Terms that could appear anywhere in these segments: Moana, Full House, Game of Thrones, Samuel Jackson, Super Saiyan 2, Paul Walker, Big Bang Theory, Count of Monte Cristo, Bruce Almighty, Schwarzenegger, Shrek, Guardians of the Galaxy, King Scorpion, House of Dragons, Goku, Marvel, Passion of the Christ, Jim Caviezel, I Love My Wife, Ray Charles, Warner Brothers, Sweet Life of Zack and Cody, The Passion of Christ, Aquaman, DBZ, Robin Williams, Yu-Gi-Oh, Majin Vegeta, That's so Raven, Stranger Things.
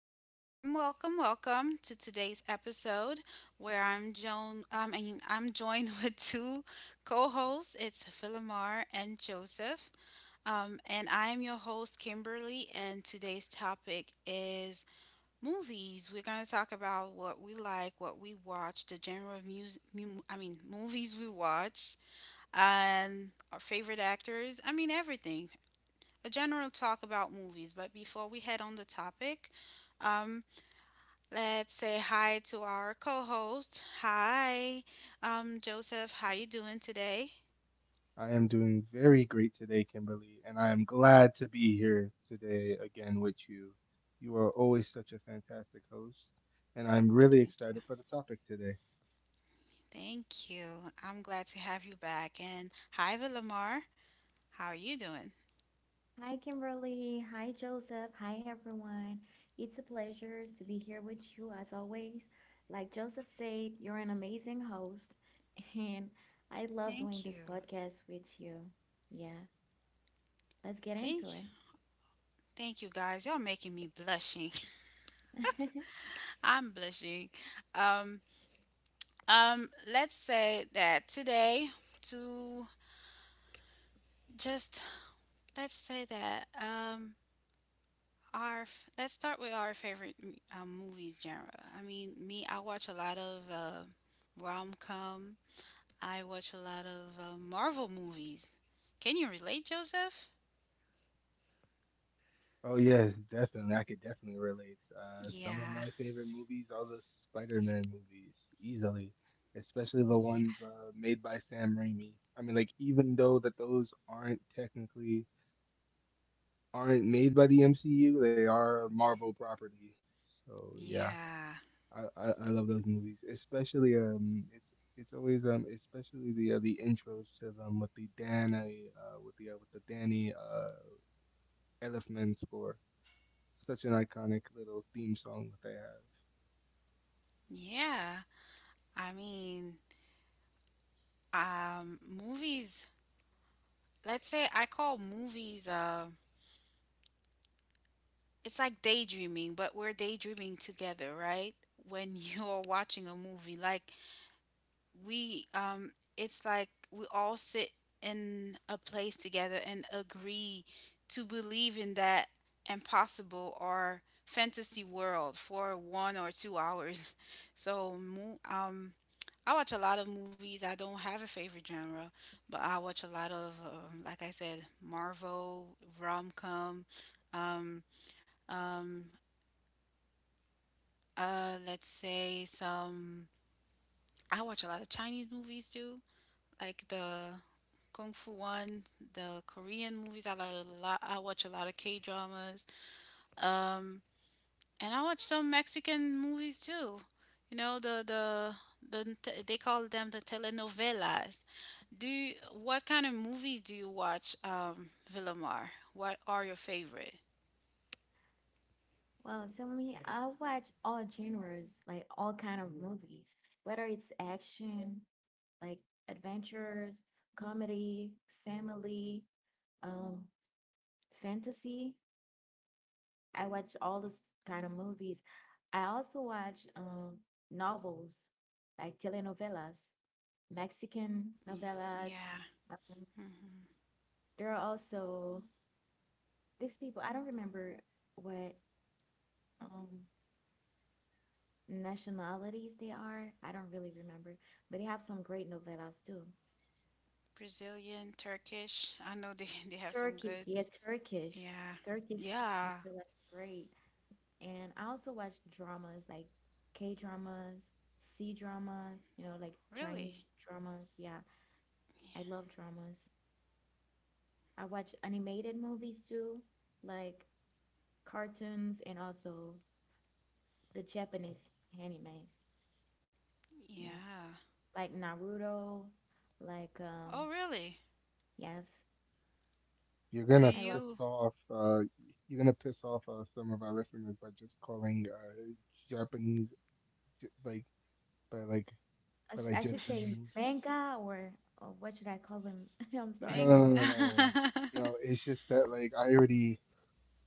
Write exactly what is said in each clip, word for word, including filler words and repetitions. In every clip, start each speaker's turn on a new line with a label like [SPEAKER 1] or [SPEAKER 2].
[SPEAKER 1] everyone. Welcome, welcome, welcome to today's episode where I'm Joan. Um, I mean, I'm joined with two co-hosts. It's Philomar and Joseph, um, and I am your host, Kimberly. And today's topic is movies. We're going to talk about what we like, what we watch, the genre of music. Mu- I mean, movies we watch, and our favorite actors. I mean, everything a general talk about movies. But before we head on the topic, um, let's say hi to our co-host. Hi, um, Joseph. How you doing today?
[SPEAKER 2] I am doing very great today, Kimberly, and I am glad to be here today again with you. You are always such a fantastic host, and I'm really
[SPEAKER 1] Thank you.
[SPEAKER 2] excited for the topic today.
[SPEAKER 1] Thank you. I'm glad to have you back. And hi, Villamar. How are you doing?
[SPEAKER 3] Hi, Kimberly. Hi, Joseph. Hi, everyone. It's a pleasure to be here with you as always. Like Joseph said, you're an amazing host, and I love doing
[SPEAKER 1] Thank
[SPEAKER 3] this
[SPEAKER 1] you.
[SPEAKER 3] podcast with you. Yeah, let's get into
[SPEAKER 1] Thank you. Thank you guys. Y'all making me blushing.
[SPEAKER 3] it.
[SPEAKER 1] I'm blushing. Um um let's say that today to just let's say that um Our f- let's start with our favorite um, movies genre. I mean, me, I watch a lot of uh, rom-com. I watch a lot of uh, Marvel movies. Can you relate, Joseph?
[SPEAKER 2] Oh, yes, definitely. I could definitely relate. Uh, some of
[SPEAKER 1] Yeah,
[SPEAKER 2] my favorite movies are the Spider-Man movies, easily, especially the
[SPEAKER 1] yeah,
[SPEAKER 2] ones uh, made by Sam Raimi. I mean, like, even though that those aren't technically aren't made by the M C U, they are Marvel property. So, yeah.
[SPEAKER 1] yeah,
[SPEAKER 2] I, I I love those movies, especially um, it's it's always, um, especially the uh, the intros to them with the Danny uh, with the uh, with the Danny uh Elfman score. Such an iconic little theme song that they have.
[SPEAKER 1] yeah. I mean, um, movies. Let's say I call movies. Uh, it's like daydreaming, but we're daydreaming together, right? When you're watching a movie, like we um it's like we all sit in a place together and agree to believe in that impossible or fantasy world for one or two hours so mo- um I watch a lot of movies. I don't have a favorite genre, but I watch a lot of um, like I said, Marvel, rom-com, um um uh let's say some. I watch a lot of Chinese movies too, like the Kung Fu one, the Korean movies. I like a lot. I watch a lot of K dramas. Um, and I watch some Mexican movies too. You know the the the t- they call them the telenovelas. Do you, what kind of movies do you watch, um, Villamar? What are your favorite?
[SPEAKER 3] Well, so me, I watch all genres, like all kind of movies, whether it's action, like adventures, comedy, family, um, fantasy. I watch all this kind of movies. I also watch um, novels like telenovelas, Mexican
[SPEAKER 1] Y-
[SPEAKER 3] novelas.
[SPEAKER 1] Yeah,
[SPEAKER 3] Um,
[SPEAKER 1] hmm.
[SPEAKER 3] there are also these people. I don't remember what um, nationalities they are. I don't really remember, but they have some great novelas too.
[SPEAKER 1] Brazilian, Turkish. I know they they have some
[SPEAKER 3] Turkish,
[SPEAKER 1] good.
[SPEAKER 3] yeah, Turkish,
[SPEAKER 1] Yeah,
[SPEAKER 3] Turkish
[SPEAKER 1] yeah,
[SPEAKER 3] novelas are great. And I also watch dramas like K dramas, C dramas, you know, like
[SPEAKER 1] really.
[SPEAKER 3] Chinese dramas. Yeah, I love dramas. I watch animated movies too, like cartoons and also the Japanese animes. Yeah,
[SPEAKER 1] Yeah.
[SPEAKER 3] like Naruto, like
[SPEAKER 1] Oh,
[SPEAKER 3] um
[SPEAKER 1] really?
[SPEAKER 3] yes,
[SPEAKER 2] You're
[SPEAKER 1] Do
[SPEAKER 2] gonna
[SPEAKER 3] I love
[SPEAKER 1] you
[SPEAKER 2] piss off uh, you're gonna piss off uh, some of our listeners by just calling uh Japanese, j- like by like
[SPEAKER 3] I,
[SPEAKER 2] by
[SPEAKER 3] sh-
[SPEAKER 2] like
[SPEAKER 3] I should
[SPEAKER 2] just
[SPEAKER 3] say
[SPEAKER 2] saying
[SPEAKER 3] manga, or, or what should I call them? I'm sorry,
[SPEAKER 2] no
[SPEAKER 1] mang
[SPEAKER 3] I
[SPEAKER 2] no
[SPEAKER 3] don't.
[SPEAKER 2] no no no. No, No, it's just that like I already,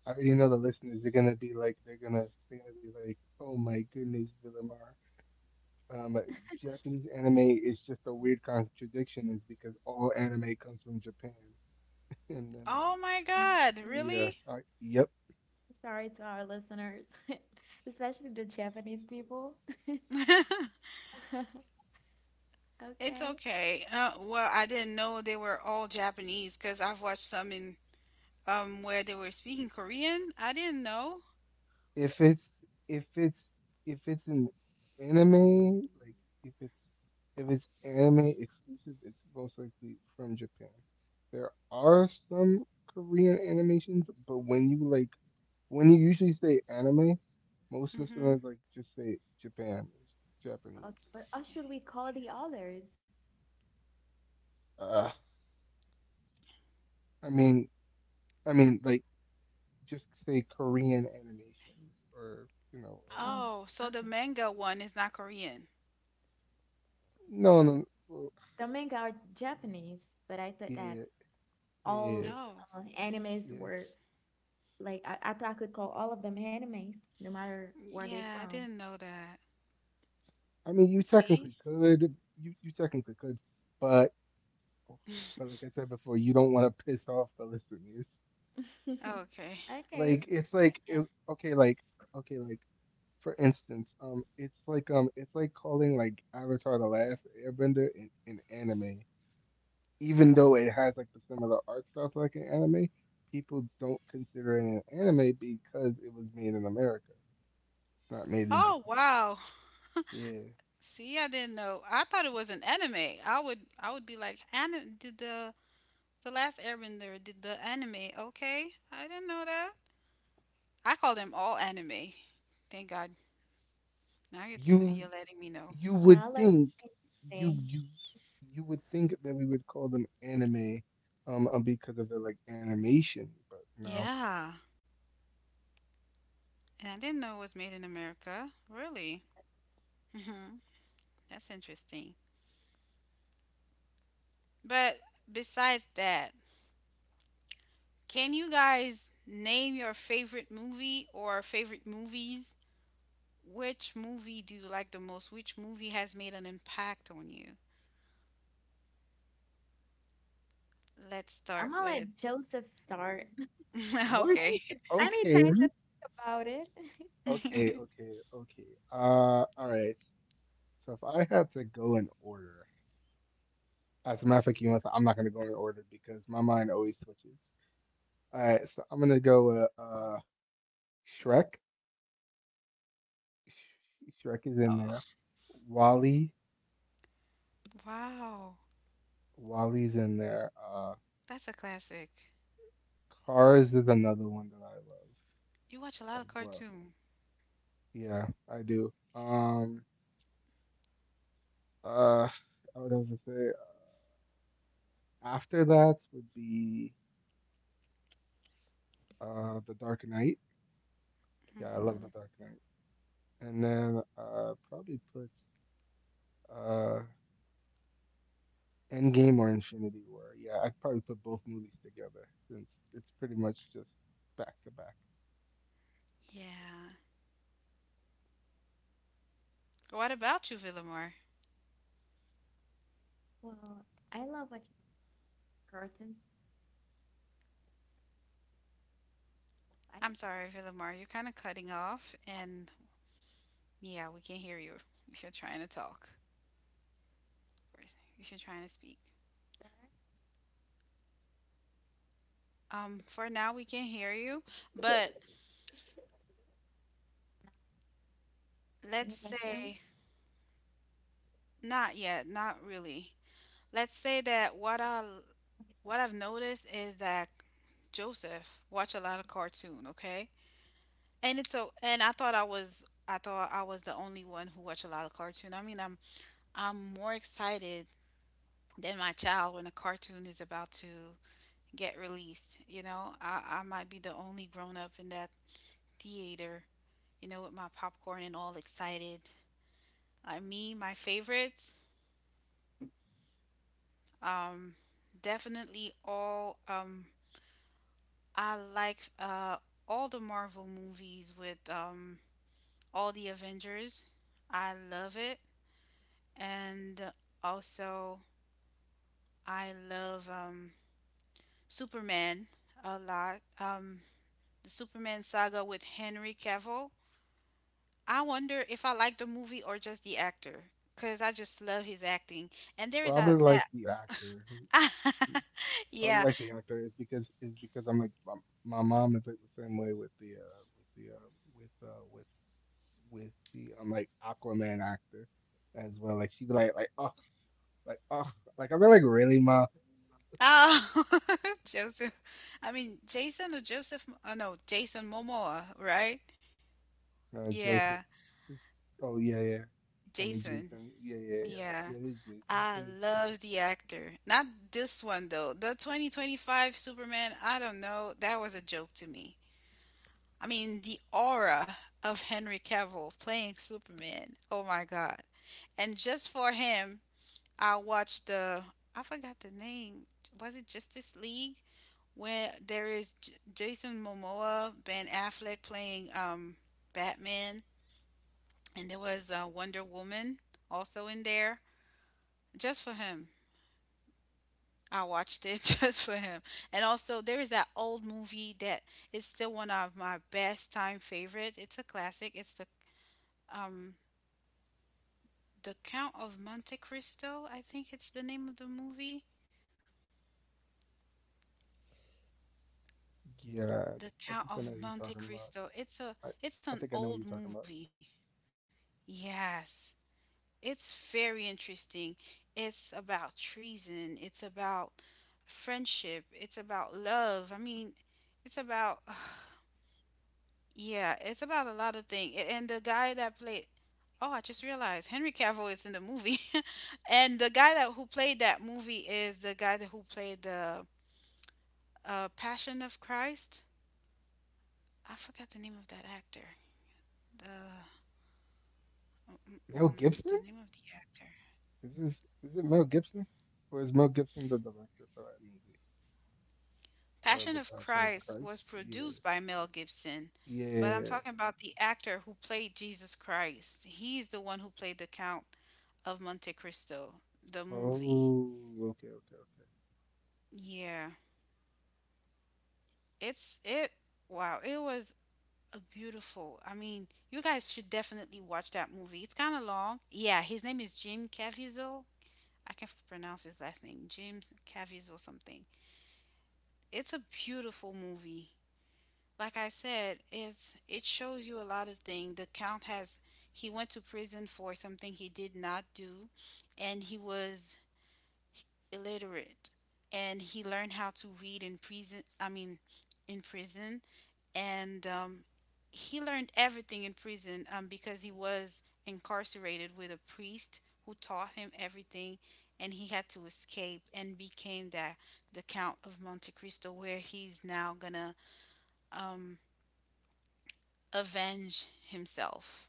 [SPEAKER 2] I already know the listeners. They're gonna be like, they're gonna, they're gonna be like, oh my goodness, Villamar. Um, Japanese anime is just a weird contradiction, is because all anime comes from Japan. And then like,
[SPEAKER 1] Oh my God,
[SPEAKER 2] yeah,
[SPEAKER 1] really?
[SPEAKER 2] I, yep.
[SPEAKER 3] Sorry to our listeners, especially the Japanese people.
[SPEAKER 1] It's
[SPEAKER 3] Okay.
[SPEAKER 1] okay. Uh, well, I didn't know they were all Japanese because I've watched some in um where they were speaking Korean. I didn't know.
[SPEAKER 2] If it's, if it's, if it's an anime, like if it's, if it's anime exclusive, it's most likely from Japan. There are some Korean animations, but when you like when you usually say anime, most
[SPEAKER 1] Mm-hmm.
[SPEAKER 2] listeners like just say Japan,
[SPEAKER 3] Okay,
[SPEAKER 2] Japanese.
[SPEAKER 3] but
[SPEAKER 1] See.
[SPEAKER 3] how should we call the others?
[SPEAKER 2] Uh, I mean, I mean, like just say Korean animation, or you know,
[SPEAKER 1] Oh,
[SPEAKER 2] or
[SPEAKER 3] Oh,
[SPEAKER 1] so the
[SPEAKER 3] okay.
[SPEAKER 1] manga one is not Korean.
[SPEAKER 2] no, no, well,
[SPEAKER 3] The manga are Japanese, but I thought
[SPEAKER 2] yeah, yeah,
[SPEAKER 3] that
[SPEAKER 2] yeah, yeah. yeah.
[SPEAKER 3] all
[SPEAKER 1] Oh,
[SPEAKER 3] uh, animes
[SPEAKER 2] yeah.
[SPEAKER 3] were like I, I thought I could call all of them animes, no matter where they're
[SPEAKER 1] yeah, I
[SPEAKER 3] from.
[SPEAKER 1] didn't know that.
[SPEAKER 2] I mean, you
[SPEAKER 1] See?
[SPEAKER 2] technically could, you you technically could, but but like I said before, you don't want to piss off the listeners.
[SPEAKER 1] Okay.
[SPEAKER 3] Okay.
[SPEAKER 2] Like it's like it,
[SPEAKER 3] And,
[SPEAKER 2] okay, like okay, like. For instance, um, it's like um, it's like calling like Avatar: The Last Airbender an, an anime, even though it has like the similar art styles like an anime. People don't consider it an anime because it was made in America. It's not made
[SPEAKER 3] Uh,
[SPEAKER 2] in
[SPEAKER 1] Oh,
[SPEAKER 2] Japan.
[SPEAKER 1] wow.
[SPEAKER 2] Yeah,
[SPEAKER 1] See, I didn't know. I thought it was an anime. I would I would be like, anime did the the last Airbender did the anime? Okay, I didn't know that. I call them all anime. Thank God. Now you're tell
[SPEAKER 2] you
[SPEAKER 1] you're letting me know.
[SPEAKER 2] you
[SPEAKER 3] yeah,
[SPEAKER 2] would
[SPEAKER 3] I learned
[SPEAKER 2] think
[SPEAKER 3] something today.
[SPEAKER 2] you you you would think that we would call them anime, um, uh, because of the like animation, but no.
[SPEAKER 1] Yeah, and I didn't know it was made in America. Really? Hmm. That's interesting. But besides that, can you guys name your favorite movie or favorite movies? Which movie do you like the most? Which movie has made an impact on you? Let's
[SPEAKER 3] I'm
[SPEAKER 1] start
[SPEAKER 3] gonna
[SPEAKER 1] with
[SPEAKER 3] let Joseph start.
[SPEAKER 2] What?
[SPEAKER 3] I need to,
[SPEAKER 1] Okay.
[SPEAKER 3] I need
[SPEAKER 2] Okay.
[SPEAKER 3] time to think about it.
[SPEAKER 2] Okay, okay, okay. Uh, all right. So if I had to go in order, as a matter of fact, you know what, I'm not gonna go in order because my mind always switches. All right, so I'm gonna go with uh, Shrek. Sh- Shrek is in there.
[SPEAKER 1] Oh,
[SPEAKER 2] Wally,
[SPEAKER 1] wow.
[SPEAKER 2] Wally's in there. Uh,
[SPEAKER 1] That's a classic.
[SPEAKER 2] Cars is another one that I love
[SPEAKER 1] You watch a lot
[SPEAKER 2] as
[SPEAKER 1] of
[SPEAKER 2] well.
[SPEAKER 1] cartoon.
[SPEAKER 2] Yeah, I do. Um, uh, what else to say? After that would be uh, The Dark Knight. Yeah, I love The
[SPEAKER 1] Hmm.
[SPEAKER 2] Dark Knight. And then uh, probably put. Uh. Endgame or Infinity War. Yeah, I'd probably put both movies together since it's pretty much just back to back.
[SPEAKER 1] Yeah. What about you, Villamor?
[SPEAKER 3] Well, I love watching cartoons. I think,
[SPEAKER 1] I'm sorry, Villamor. You're kind of cutting off, and yeah, we can hear you if you're trying to talk or if you're trying to speak. Um, for now, we can hear you, but
[SPEAKER 3] can
[SPEAKER 1] let's
[SPEAKER 3] you guys hear me?
[SPEAKER 1] say not yet, not really. Let's say that what I what I've noticed is that Joseph watch a lot of cartoon, okay? And it's so, and I thought I was I thought I was the only one who watch a lot of cartoon. I mean, I'm I'm more excited than my child when a cartoon is about to get released, you know? I I might be the only grown up in that theater, you know, with my popcorn and all excited. I me my favorites, um definitely all um I like uh, all the Marvel movies with um, all the Avengers. I love it. And also, I love um, Superman a lot. Um, the Superman saga with Henry Cavill. I wonder if I like the movie or just the actor, because I just love his acting. And there is a
[SPEAKER 2] Probably like
[SPEAKER 1] that.
[SPEAKER 2] the actor. Probably
[SPEAKER 1] Yeah.
[SPEAKER 2] like the actor is because is because I'm like my, my mom is like the same way with the uh with the uh with uh with with the um like Aquaman actor as well. Like she'd be like like oh like oh like I'm like really ma
[SPEAKER 1] Oh, Joseph. I mean, Jason or Joseph? Oh, no, Jason Momoa, right?
[SPEAKER 2] uh, Joseph.
[SPEAKER 1] Yeah,
[SPEAKER 2] This- Oh yeah yeah. I mean
[SPEAKER 1] Jason.
[SPEAKER 2] Jason. Yeah yeah yeah
[SPEAKER 1] Yeah.
[SPEAKER 2] yeah. It is Jason.
[SPEAKER 1] I
[SPEAKER 2] It is Jason.
[SPEAKER 1] love the actor. Not this one though. The twenty twenty-five Superman, I don't know, that was a joke to me. I mean, the aura of Henry Cavill playing Superman. Oh my God. And just for him, I watched the I forgot the name. Was it Justice League? Where there is J- Jason Momoa, Ben Affleck playing um Batman, and there was uh, Wonder Woman also in there. Just for him. I watched it just for him. And also, there is that old movie that is still one of my best time favorite. It's a classic. It's the um the Count of Monte Cristo. I think it's the name of the movie.
[SPEAKER 2] Yeah,
[SPEAKER 1] The
[SPEAKER 2] I
[SPEAKER 1] Count
[SPEAKER 2] think I know
[SPEAKER 1] of
[SPEAKER 2] what you're
[SPEAKER 1] Monte
[SPEAKER 2] talking about.
[SPEAKER 1] Cristo. It's a
[SPEAKER 2] I,
[SPEAKER 1] it's an
[SPEAKER 2] I think I know
[SPEAKER 1] old
[SPEAKER 2] what you're talking about.
[SPEAKER 1] movie. Yes. It's very interesting. It's about treason. It's about friendship. It's about love. I mean, it's about yeah, it's about a lot of things. And the guy that played oh, I just realized Henry Cavill is in the movie. And the guy that who played that movie is the guy that who played the uh, Passion of Christ. I forgot the name of that actor. The
[SPEAKER 2] Mel
[SPEAKER 1] mm-mm, the
[SPEAKER 2] Gibson?
[SPEAKER 1] name of the actor.
[SPEAKER 2] Is this is it Mel Gibson? Or is Mel Gibson the director for that movie? Uh,
[SPEAKER 1] Passion
[SPEAKER 2] The
[SPEAKER 1] of
[SPEAKER 2] Passion of
[SPEAKER 1] Christ was
[SPEAKER 2] Christ? Yeah.
[SPEAKER 1] produced by Mel Gibson, but I'm
[SPEAKER 2] Yeah.
[SPEAKER 1] talking about the actor who played Jesus Christ. He's the one who played the Count of Monte Cristo, the movie.
[SPEAKER 2] Oh, okay, okay, okay.
[SPEAKER 1] Yeah. It's it wow, it was a beautiful. I mean, you guys should definitely watch that movie. It's kind of long. Yeah, his name is Jim Caviezel. I can't pronounce his last name. Jim Caviezel something. It's a beautiful movie. Like I said, it's it shows you a lot of things. The count has he went to prison for something he did not do, and he was illiterate, and he learned how to read in prison. I mean, in prison and um, he learned everything in prison um, because he was incarcerated with a priest who taught him everything, and he had to escape and became that the Count of Monte Cristo, where he's now gonna um, avenge himself.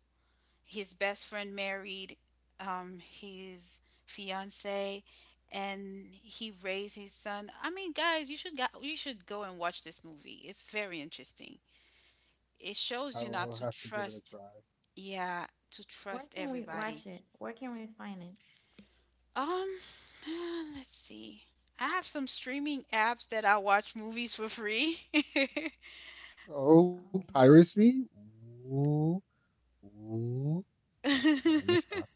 [SPEAKER 1] His best friend married um, his fiance, and he raised his son. I mean, guys, you should go, you should go and watch this movie. It's very interesting. It shows you
[SPEAKER 2] I
[SPEAKER 1] not to
[SPEAKER 2] will have to give
[SPEAKER 1] trust
[SPEAKER 2] it a try.
[SPEAKER 1] Yeah, to
[SPEAKER 3] Where
[SPEAKER 1] trust
[SPEAKER 3] can we
[SPEAKER 1] everybody.
[SPEAKER 3] watch it? Where can we find it?
[SPEAKER 1] Um, uh, let's see. I have some streaming apps that I watch movies for free.
[SPEAKER 2] Oh,
[SPEAKER 3] Okay.
[SPEAKER 2] piracy? Ooh, ooh. Uh, let me stop.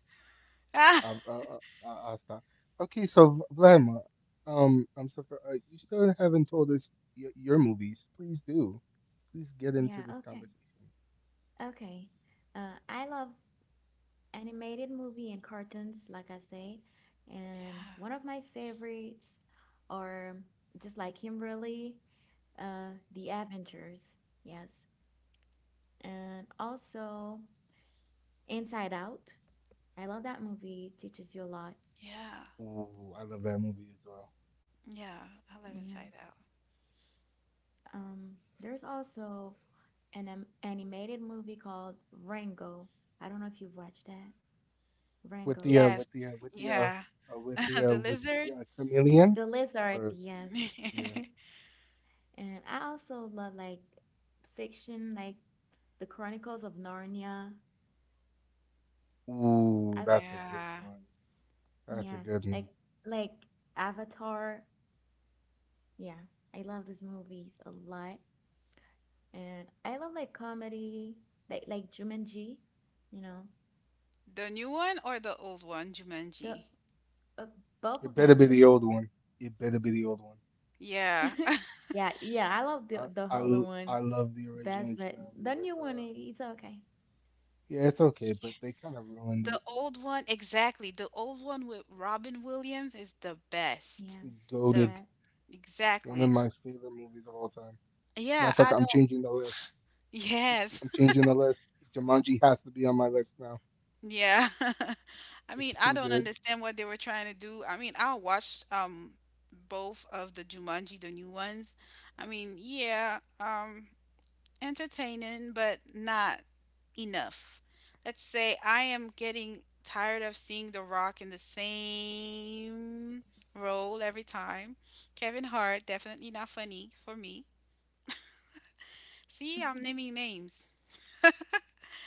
[SPEAKER 1] Ah,
[SPEAKER 2] I, I, I, I'll stop. Okay, so Vladimir, um, I'm so for, uh, you still haven't told us your, your movies. Please do. Please get into
[SPEAKER 3] Yeah,
[SPEAKER 2] this
[SPEAKER 3] okay.
[SPEAKER 2] conversation.
[SPEAKER 3] Okay. Uh, I love animated movie and cartoons, like I say. And
[SPEAKER 1] yeah,
[SPEAKER 3] one of my favorites are just like Kimberly, uh, The Avengers. Yes. And also Inside Out. I love that movie. It teaches you a lot.
[SPEAKER 1] yeah.
[SPEAKER 2] Ooh, I love that movie as well.
[SPEAKER 1] Yeah. I live
[SPEAKER 3] Yeah.
[SPEAKER 1] inside out.
[SPEAKER 3] Um, there's also an am- animated movie called Rango. I don't know if you've watched that.
[SPEAKER 2] With the
[SPEAKER 3] Rango.
[SPEAKER 2] uh,
[SPEAKER 1] Yes,
[SPEAKER 2] with the uh, with the uh,
[SPEAKER 1] yeah.
[SPEAKER 2] uh with the uh,
[SPEAKER 1] The
[SPEAKER 2] with
[SPEAKER 1] lizard.
[SPEAKER 2] the uh, chameleon
[SPEAKER 3] The lizard,
[SPEAKER 2] or
[SPEAKER 3] yes.
[SPEAKER 2] yeah.
[SPEAKER 3] And I also love like fiction, like the Chronicles of Narnia.
[SPEAKER 2] Ooh,
[SPEAKER 3] I,
[SPEAKER 2] that's a good
[SPEAKER 1] Yeah.
[SPEAKER 2] one. That's a
[SPEAKER 3] yeah,
[SPEAKER 2] good
[SPEAKER 3] like
[SPEAKER 2] one.
[SPEAKER 3] like Avatar. Yeah, I love these movies a lot. And I love like comedy, like like Jumanji, you know,
[SPEAKER 1] The new one or the old one,
[SPEAKER 3] the
[SPEAKER 1] Jumanji?
[SPEAKER 3] uh, both
[SPEAKER 2] It
[SPEAKER 3] of
[SPEAKER 2] better be
[SPEAKER 3] them.
[SPEAKER 2] the old one. It better be the old one.
[SPEAKER 1] Yeah.
[SPEAKER 3] Yeah, yeah, I love the
[SPEAKER 2] I
[SPEAKER 3] the
[SPEAKER 2] I
[SPEAKER 3] older
[SPEAKER 2] l-
[SPEAKER 3] one
[SPEAKER 2] I love the original
[SPEAKER 3] best, but
[SPEAKER 2] Tsunami
[SPEAKER 3] the
[SPEAKER 2] with
[SPEAKER 3] new one,
[SPEAKER 2] uh
[SPEAKER 3] it- it's okay.
[SPEAKER 2] yeah, it's okay, but they kind of ruined
[SPEAKER 1] The old one, exactly. The old one with Robin Williams is the
[SPEAKER 3] Yeah,
[SPEAKER 1] best.
[SPEAKER 2] it.
[SPEAKER 3] the
[SPEAKER 1] The
[SPEAKER 2] Goated
[SPEAKER 3] best.
[SPEAKER 2] one of
[SPEAKER 1] exactly.
[SPEAKER 2] my favorite movies of all time. Matter
[SPEAKER 1] Yeah,
[SPEAKER 2] of fact,
[SPEAKER 1] I
[SPEAKER 2] I'm
[SPEAKER 1] don't.
[SPEAKER 2] changing the list.
[SPEAKER 1] Yes.
[SPEAKER 2] I'm changing the list. Jumanji has to be on my list now.
[SPEAKER 1] Yeah. I mean,
[SPEAKER 2] It's
[SPEAKER 1] I
[SPEAKER 2] too
[SPEAKER 1] don't
[SPEAKER 2] good.
[SPEAKER 1] understand what they were trying to do. I mean, I watched um both of the Jumanji, the new ones. I mean, yeah, um entertaining, but not enough. Let's say I am getting tired of seeing The Rock in the same role every time. Kevin Hart definitely not funny for me. See, I'm naming names.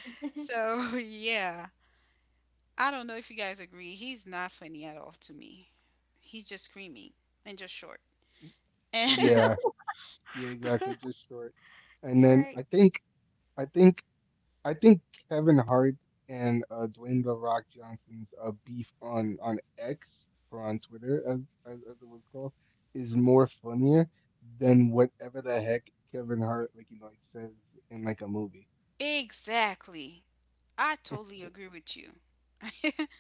[SPEAKER 1] So, yeah. I don't know if you guys agree. He's not funny at all to me. He's just screaming and just short.
[SPEAKER 2] Y-
[SPEAKER 1] And
[SPEAKER 2] Yeah, yeah, exactly. Just short. And
[SPEAKER 3] You're
[SPEAKER 2] then
[SPEAKER 3] right.
[SPEAKER 2] I think I think I think Kevin Hart and uh, Dwayne The Rock Johnson's uh, beef on on X, or on Twitter as, as as it was called, is more funnier than whatever the heck Kevin Hart like you know like says in like a movie.
[SPEAKER 1] exactly. I totally agree with you.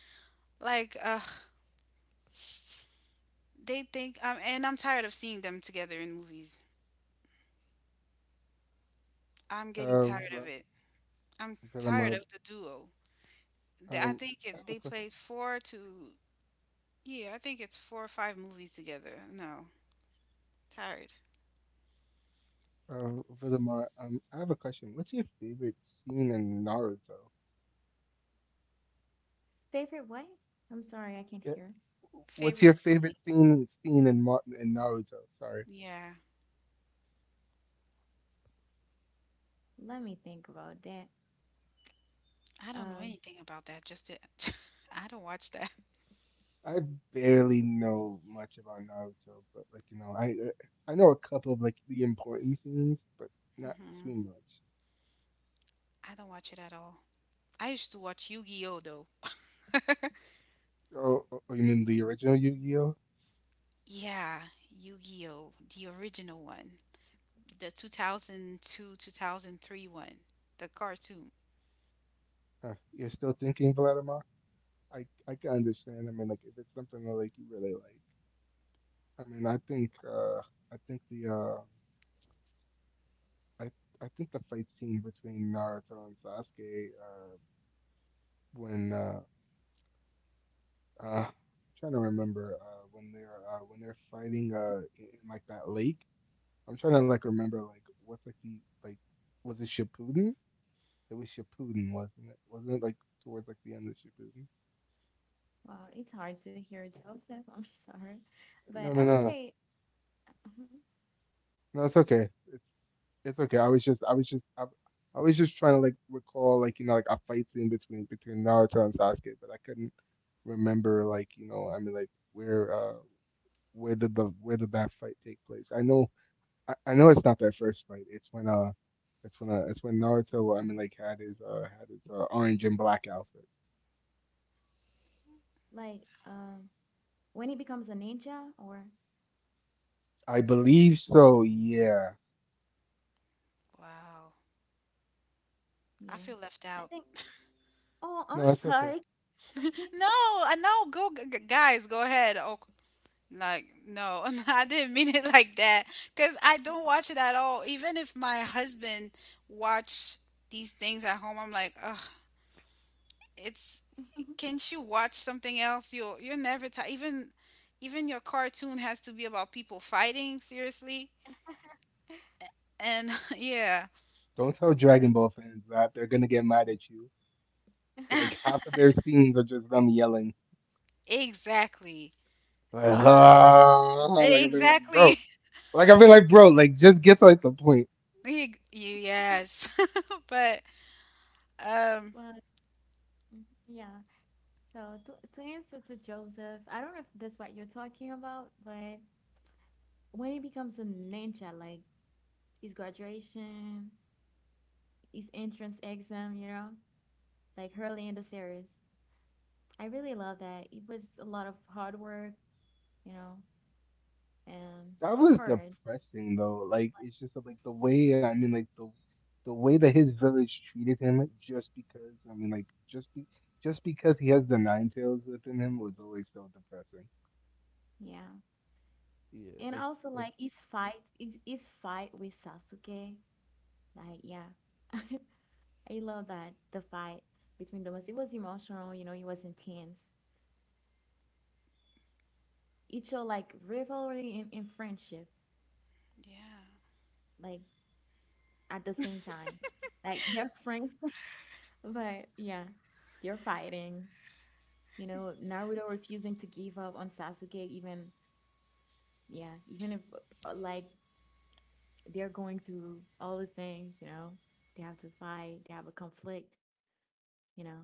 [SPEAKER 1] Like, uh, they think, um, and I'm tired of seeing them together in movies. I'm getting
[SPEAKER 2] Uh,
[SPEAKER 1] tired of
[SPEAKER 2] Vil-
[SPEAKER 1] it. I'm tired
[SPEAKER 2] Villamard,
[SPEAKER 1] of the duo. They- I
[SPEAKER 2] um,
[SPEAKER 1] think
[SPEAKER 2] I have
[SPEAKER 1] it,
[SPEAKER 2] a
[SPEAKER 1] they
[SPEAKER 2] que-
[SPEAKER 1] played four to, yeah, I think it's four or five movies together. No, tired.
[SPEAKER 2] uh, Villamard, um, I have a question. What's your favorite scene in Naruto?
[SPEAKER 3] Favorite what? I'm sorry, I can't
[SPEAKER 2] Yeah.
[SPEAKER 3] hear.
[SPEAKER 2] What's
[SPEAKER 1] Favorite
[SPEAKER 2] your favorite
[SPEAKER 1] scene?
[SPEAKER 2] scene scene in Mar- in Naruto? Sorry,
[SPEAKER 1] Yeah.
[SPEAKER 3] Let me think about that.
[SPEAKER 1] I don't know
[SPEAKER 3] Um,
[SPEAKER 1] anything about that. Just, it, I don't watch that.
[SPEAKER 2] I barely know much about Naruto, but like you know, I I know a couple of like the important scenes, but not
[SPEAKER 1] Mm-hmm.
[SPEAKER 2] too much.
[SPEAKER 1] I don't watch it at all. I used to watch Yu-Gi-Oh though.
[SPEAKER 2] Oh, oh oh, you mean the original Yu-Gi-Oh?
[SPEAKER 1] Yeah, Yu-Gi-Oh, the original one, the two thousand two, two thousand three one, the cartoon.
[SPEAKER 2] Uh, you're still thinking, Vladimir? I I can understand. I mean, like if it's something that like you really like, I mean, I think uh I think the uh I I think the fight scene between Naruto and Sasuke uh when uh Uh, I'm trying to remember uh, when they're uh, when they're fighting, uh, in, in like that lake. I'm trying to like remember like what's like the like was it Shippuden? It was Shippuden, wasn't it? Wasn't it like towards like the end of Shippuden?
[SPEAKER 3] well, it's hard to hear Joseph. I'm sorry, but
[SPEAKER 2] No,
[SPEAKER 3] I
[SPEAKER 2] no,
[SPEAKER 3] would
[SPEAKER 2] no,
[SPEAKER 3] say
[SPEAKER 2] no. It's okay. It's it's okay. I was just I was just I, I was just trying to like recall like you know like a fight scene between between Naruto and Sasuke, but I couldn't remember like you know I mean like where uh where did the where did that fight take place? I know I, I know it's not that first fight. It's when uh, it's when uh, it's when Naruto. Well, I mean, like had his uh, had his uh, orange and black outfit.
[SPEAKER 3] like um when he becomes a ninja, or
[SPEAKER 2] I believe so. Yeah.
[SPEAKER 1] Wow. I
[SPEAKER 3] yeah,
[SPEAKER 1] feel left
[SPEAKER 3] I
[SPEAKER 1] out.
[SPEAKER 3] think. Oh,
[SPEAKER 2] No,
[SPEAKER 3] I'm
[SPEAKER 2] it's okay.
[SPEAKER 3] sorry.
[SPEAKER 1] No, I know. Go, g- g- guys, go ahead. Oh, like, no, I didn't mean it like that. Because I don't watch it at all. Even if my husband watch these things at home, I'm like, ugh, it's can't you watch something else? You'll you're never tired. Even even your cartoon has to be about people fighting, seriously. And yeah.
[SPEAKER 2] Don't tell
[SPEAKER 3] Well,
[SPEAKER 2] Dragon Ball fans that they're gonna get mad at you.
[SPEAKER 3] yeah.
[SPEAKER 2] Like half of their scenes are just them yelling.
[SPEAKER 1] Exactly.
[SPEAKER 2] Like,
[SPEAKER 1] Uh,
[SPEAKER 2] ah, like I've been like, bro.
[SPEAKER 1] exactly.
[SPEAKER 2] Like I've been like, bro. Like just get to like the point.
[SPEAKER 1] Ex- Yes. But um
[SPEAKER 3] Well, mm, yeah. So to to answer to Joseph, I don't know if that's what you're talking about, but when it becomes a ninja, like his graduation, his entrance exam, you know, like early in the series. I really love that. It was a lot of hard work, you know, and
[SPEAKER 2] That was
[SPEAKER 3] courage.
[SPEAKER 2] depressing though. Like it's just like the way I mean like the the way that his village treated him just because I mean like just be just because he has the nine tails within him was always so depressing.
[SPEAKER 3] Yeah.
[SPEAKER 2] Yeah,
[SPEAKER 3] And
[SPEAKER 2] like
[SPEAKER 3] also
[SPEAKER 2] like
[SPEAKER 3] like his fight, his, his fight with Sasuke. Like, yeah. I love that the fight between them it was emotional, you know, it was intense. It showed like rivalry and, and friendship,
[SPEAKER 1] yeah.
[SPEAKER 3] like at the same time. Like their friend. But yeah, they're fighting. You know, Naruto refusing to give up on Sasuke, even, yeah, even if uh, like they're going through all these things, you know, they have to fight, they have a conflict, you know.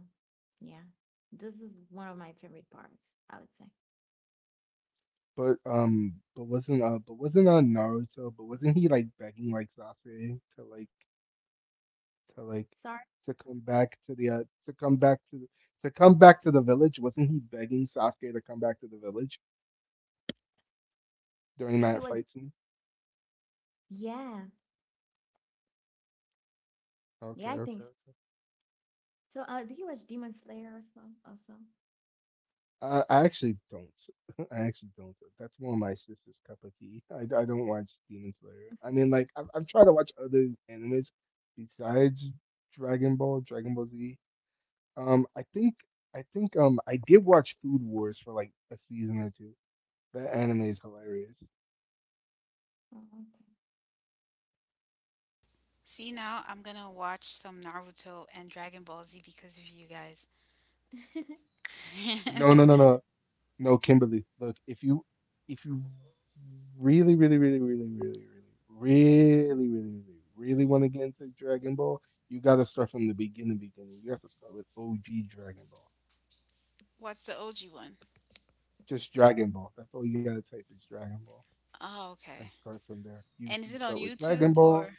[SPEAKER 3] Yeah, this is one of my favorite parts, I would say.
[SPEAKER 2] but um but wasn't uh but wasn't uh Naruto, but wasn't he like begging like Sasuke to like to like
[SPEAKER 3] Sorry,
[SPEAKER 2] to come back to the uh to come back to the, to come back to the village? Wasn't he begging Sasuke to come back to the village during
[SPEAKER 3] if
[SPEAKER 2] that
[SPEAKER 3] it was,
[SPEAKER 2] fight scene?
[SPEAKER 3] yeah,
[SPEAKER 2] Okay,
[SPEAKER 3] yeah, I
[SPEAKER 2] okay,
[SPEAKER 3] think so. So, uh, do you watch Demon Slayer or so? Also,
[SPEAKER 2] Uh, I actually don't. I actually don't. That's more my sister's cup of tea. I, I don't watch Demon Slayer. I mean, like, i am I am trying to watch other animes besides Dragon Ball, Dragon Ball Z. Um, I think, I think, um, I did watch Food Wars for like a season or two. That anime is hilarious.
[SPEAKER 3] oh,
[SPEAKER 1] See, now I'm gonna watch some Naruto and Dragon Ball Z because of you guys.
[SPEAKER 3] okay.
[SPEAKER 2] No, no, no, no. No, Kimberly, look, if you if you really, really, really, really, really, really, really, really, really, really want to get into Dragon Ball, you gotta start from the beginning, beginning. You have to start with O G Dragon Ball.
[SPEAKER 1] What's the O G one?
[SPEAKER 2] Just Dragon Ball. That's all you gotta type is Dragon Ball,
[SPEAKER 1] Oh,
[SPEAKER 2] and
[SPEAKER 1] okay.
[SPEAKER 2] start from there. You
[SPEAKER 1] And is
[SPEAKER 2] you
[SPEAKER 1] it on
[SPEAKER 2] start with Dragon
[SPEAKER 1] YouTube
[SPEAKER 2] Ball.
[SPEAKER 1] or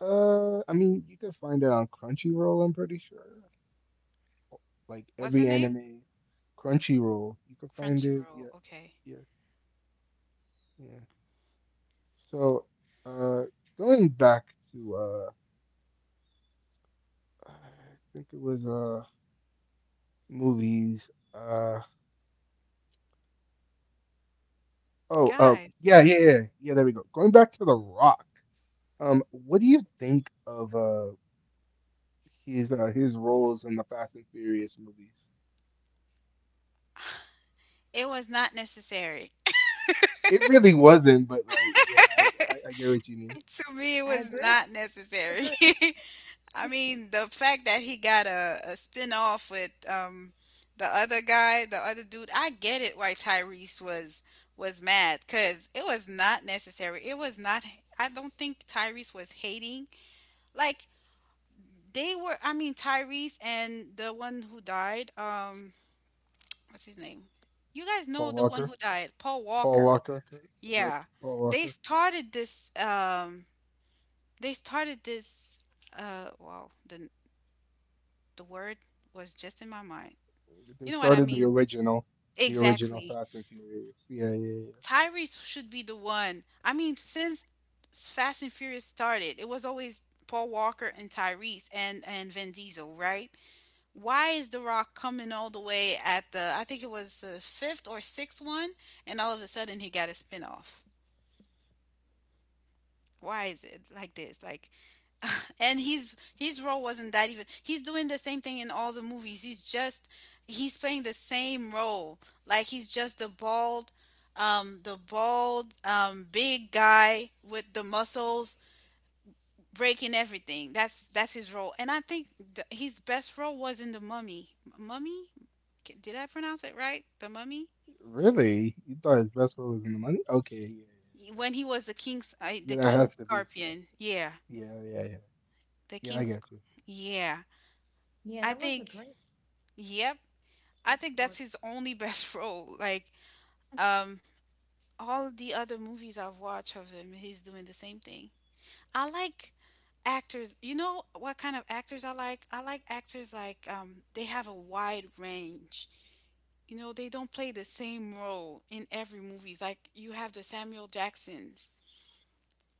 [SPEAKER 2] Uh, I mean, you can find it on Crunchyroll, I'm pretty sure. Like
[SPEAKER 1] what's the
[SPEAKER 2] every
[SPEAKER 1] name?
[SPEAKER 2] anime, Crunchyroll, you can find it.
[SPEAKER 1] Crunchyroll.
[SPEAKER 2] Yeah,
[SPEAKER 1] Okay.
[SPEAKER 2] yeah, yeah. So, uh, going back to uh, I think it was uh movies. Uh oh, uh
[SPEAKER 1] Guys,
[SPEAKER 2] yeah, yeah, yeah, yeah. There we go. Going back to The Rock. Um, what do you think of uh his uh his roles in the Fast and Furious movies?
[SPEAKER 1] it was not necessary.
[SPEAKER 2] It really wasn't, but like, yeah, I I, I get what you mean.
[SPEAKER 1] To me, it
[SPEAKER 3] I
[SPEAKER 1] was
[SPEAKER 3] agree.
[SPEAKER 1] not
[SPEAKER 3] I
[SPEAKER 1] necessary.
[SPEAKER 3] agree.
[SPEAKER 1] I mean, the fact that he got a, a spin off with um the other guy, the other dude, I get it why Tyrese was was mad because it was not necessary. It was not. I don't think Tyrese was hating. Like they were. I mean, Tyrese and the one who died. Um, what's his name? You guys know
[SPEAKER 2] Paul
[SPEAKER 1] the one
[SPEAKER 2] Walker,
[SPEAKER 1] who died, Paul
[SPEAKER 2] Paul
[SPEAKER 1] Walker.
[SPEAKER 2] Walker, Rip
[SPEAKER 1] Yeah,
[SPEAKER 2] Paul
[SPEAKER 1] they
[SPEAKER 2] Walker.
[SPEAKER 1] started this. Um, They started this. Uh, wow, the the word was just in my mind.
[SPEAKER 2] They
[SPEAKER 1] You know what I
[SPEAKER 2] started the
[SPEAKER 1] mean?
[SPEAKER 2] original, the original
[SPEAKER 1] Exactly.
[SPEAKER 2] Fast and Furious. Yeah, yeah, yeah.
[SPEAKER 1] Tyrese should be the one. I mean, since Fast and Furious started, it was always Paul Walker and Tyrese and and Vin Diesel, right? Why is The Rock coming all the way at the, I think it was the fifth or sixth one, and all of a sudden he got a spinoff? Why is it like this? Like, and his his role wasn't that, even. He's doing the same thing in all the movies. He's just he's playing the same role, like he's just the bald, um the bald, um big guy with the muscles, breaking everything. That's that's his role. And I think th- his best role was in The Mummy. Mummy K- did I pronounce it right, The Mummy?
[SPEAKER 2] Really? You thought his best friend was in the money? Okay, yeah,
[SPEAKER 1] When he was the king's, uh,
[SPEAKER 2] yeah, yeah.
[SPEAKER 1] the
[SPEAKER 2] Yeah, that
[SPEAKER 1] King
[SPEAKER 2] has to be.
[SPEAKER 1] Scorpion, yeah.
[SPEAKER 2] Yeah, yeah, yeah.
[SPEAKER 1] The
[SPEAKER 2] Yeah, I
[SPEAKER 1] king
[SPEAKER 2] got
[SPEAKER 1] Sc-
[SPEAKER 2] you.
[SPEAKER 1] yeah,
[SPEAKER 3] Yeah,
[SPEAKER 1] I
[SPEAKER 3] that was a
[SPEAKER 1] think,
[SPEAKER 3] great
[SPEAKER 1] yep, I
[SPEAKER 3] King
[SPEAKER 1] think that's
[SPEAKER 3] Scorp.
[SPEAKER 1] his only best role. Like, um, all the other movies I've watched of him, he's doing the same thing. I like actors. You know what kind of actors I like? I like actors like, um, they have a wide range. You know, they don't play the same role in every movie. Like you have the Samuel Jacksons.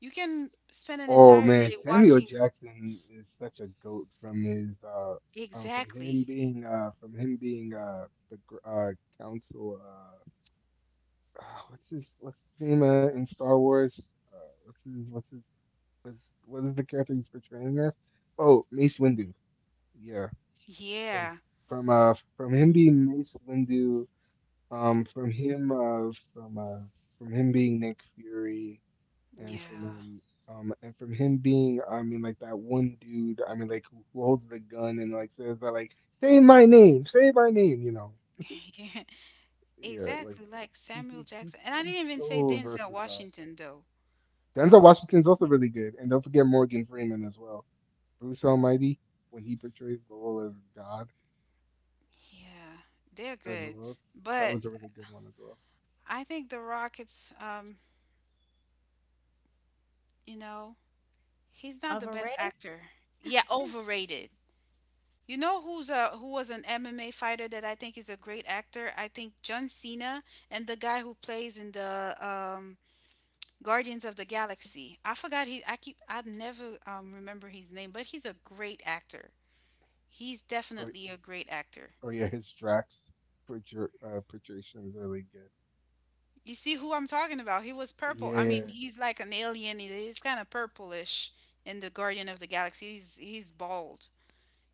[SPEAKER 1] You can spend an
[SPEAKER 2] Oh
[SPEAKER 1] entire
[SPEAKER 2] man,
[SPEAKER 1] day
[SPEAKER 2] Samuel
[SPEAKER 1] watching.
[SPEAKER 2] Jackson is such a goat from his uh um from him
[SPEAKER 1] Exactly.
[SPEAKER 2] being uh from him being uh the gr- uh council uh what's his what's his name, uh, in Star Wars? Uh, what's his what's his what's what is the character he's portraying as? Oh, Mace Windu. Yeah, from
[SPEAKER 1] Yeah.
[SPEAKER 2] from uh from him being Mace Windu. Um, from him, uh, from uh, from him being Nick Fury, and
[SPEAKER 1] Yeah.
[SPEAKER 2] from um, um, and from him being, I mean, like that one dude, I mean, like who who holds the gun and like says that, like, say my name, say my name, you know? Yeah, like
[SPEAKER 1] Exactly, like
[SPEAKER 2] he,
[SPEAKER 1] Samuel
[SPEAKER 2] he he's
[SPEAKER 1] Jackson. And I
[SPEAKER 2] he's
[SPEAKER 1] didn't even say
[SPEAKER 2] so
[SPEAKER 1] Denzel
[SPEAKER 2] versatile.
[SPEAKER 1] Washington though.
[SPEAKER 2] Denzel Washington's also really good, and don't forget Morgan Freeman as well. Bruce Almighty, when he portrays the role as God
[SPEAKER 1] Yeah, they're
[SPEAKER 2] as
[SPEAKER 1] good.
[SPEAKER 2] well, that
[SPEAKER 1] But
[SPEAKER 2] was a really good one as well.
[SPEAKER 1] I think The Rockets, um, you know, he's not the best
[SPEAKER 3] Overrated?
[SPEAKER 1] actor. Yeah, overrated. You know who's a who was an M M A fighter that I think is a great actor? I think John Cena, and the guy who plays in the, um Guardians of the Galaxy. I forgot he I keep I never um remember his name, but he's a great actor. He's
[SPEAKER 2] Oh,
[SPEAKER 1] definitely a great actor.
[SPEAKER 2] oh yeah, his Drax portray- uh, portrayal is really good.
[SPEAKER 1] You see who I'm talking about? He was purple.
[SPEAKER 2] Yeah,
[SPEAKER 1] I
[SPEAKER 2] yeah.
[SPEAKER 1] mean, he's like an alien. He- He's kind of purplish in the Guardian of the Galaxy. He's he's bald.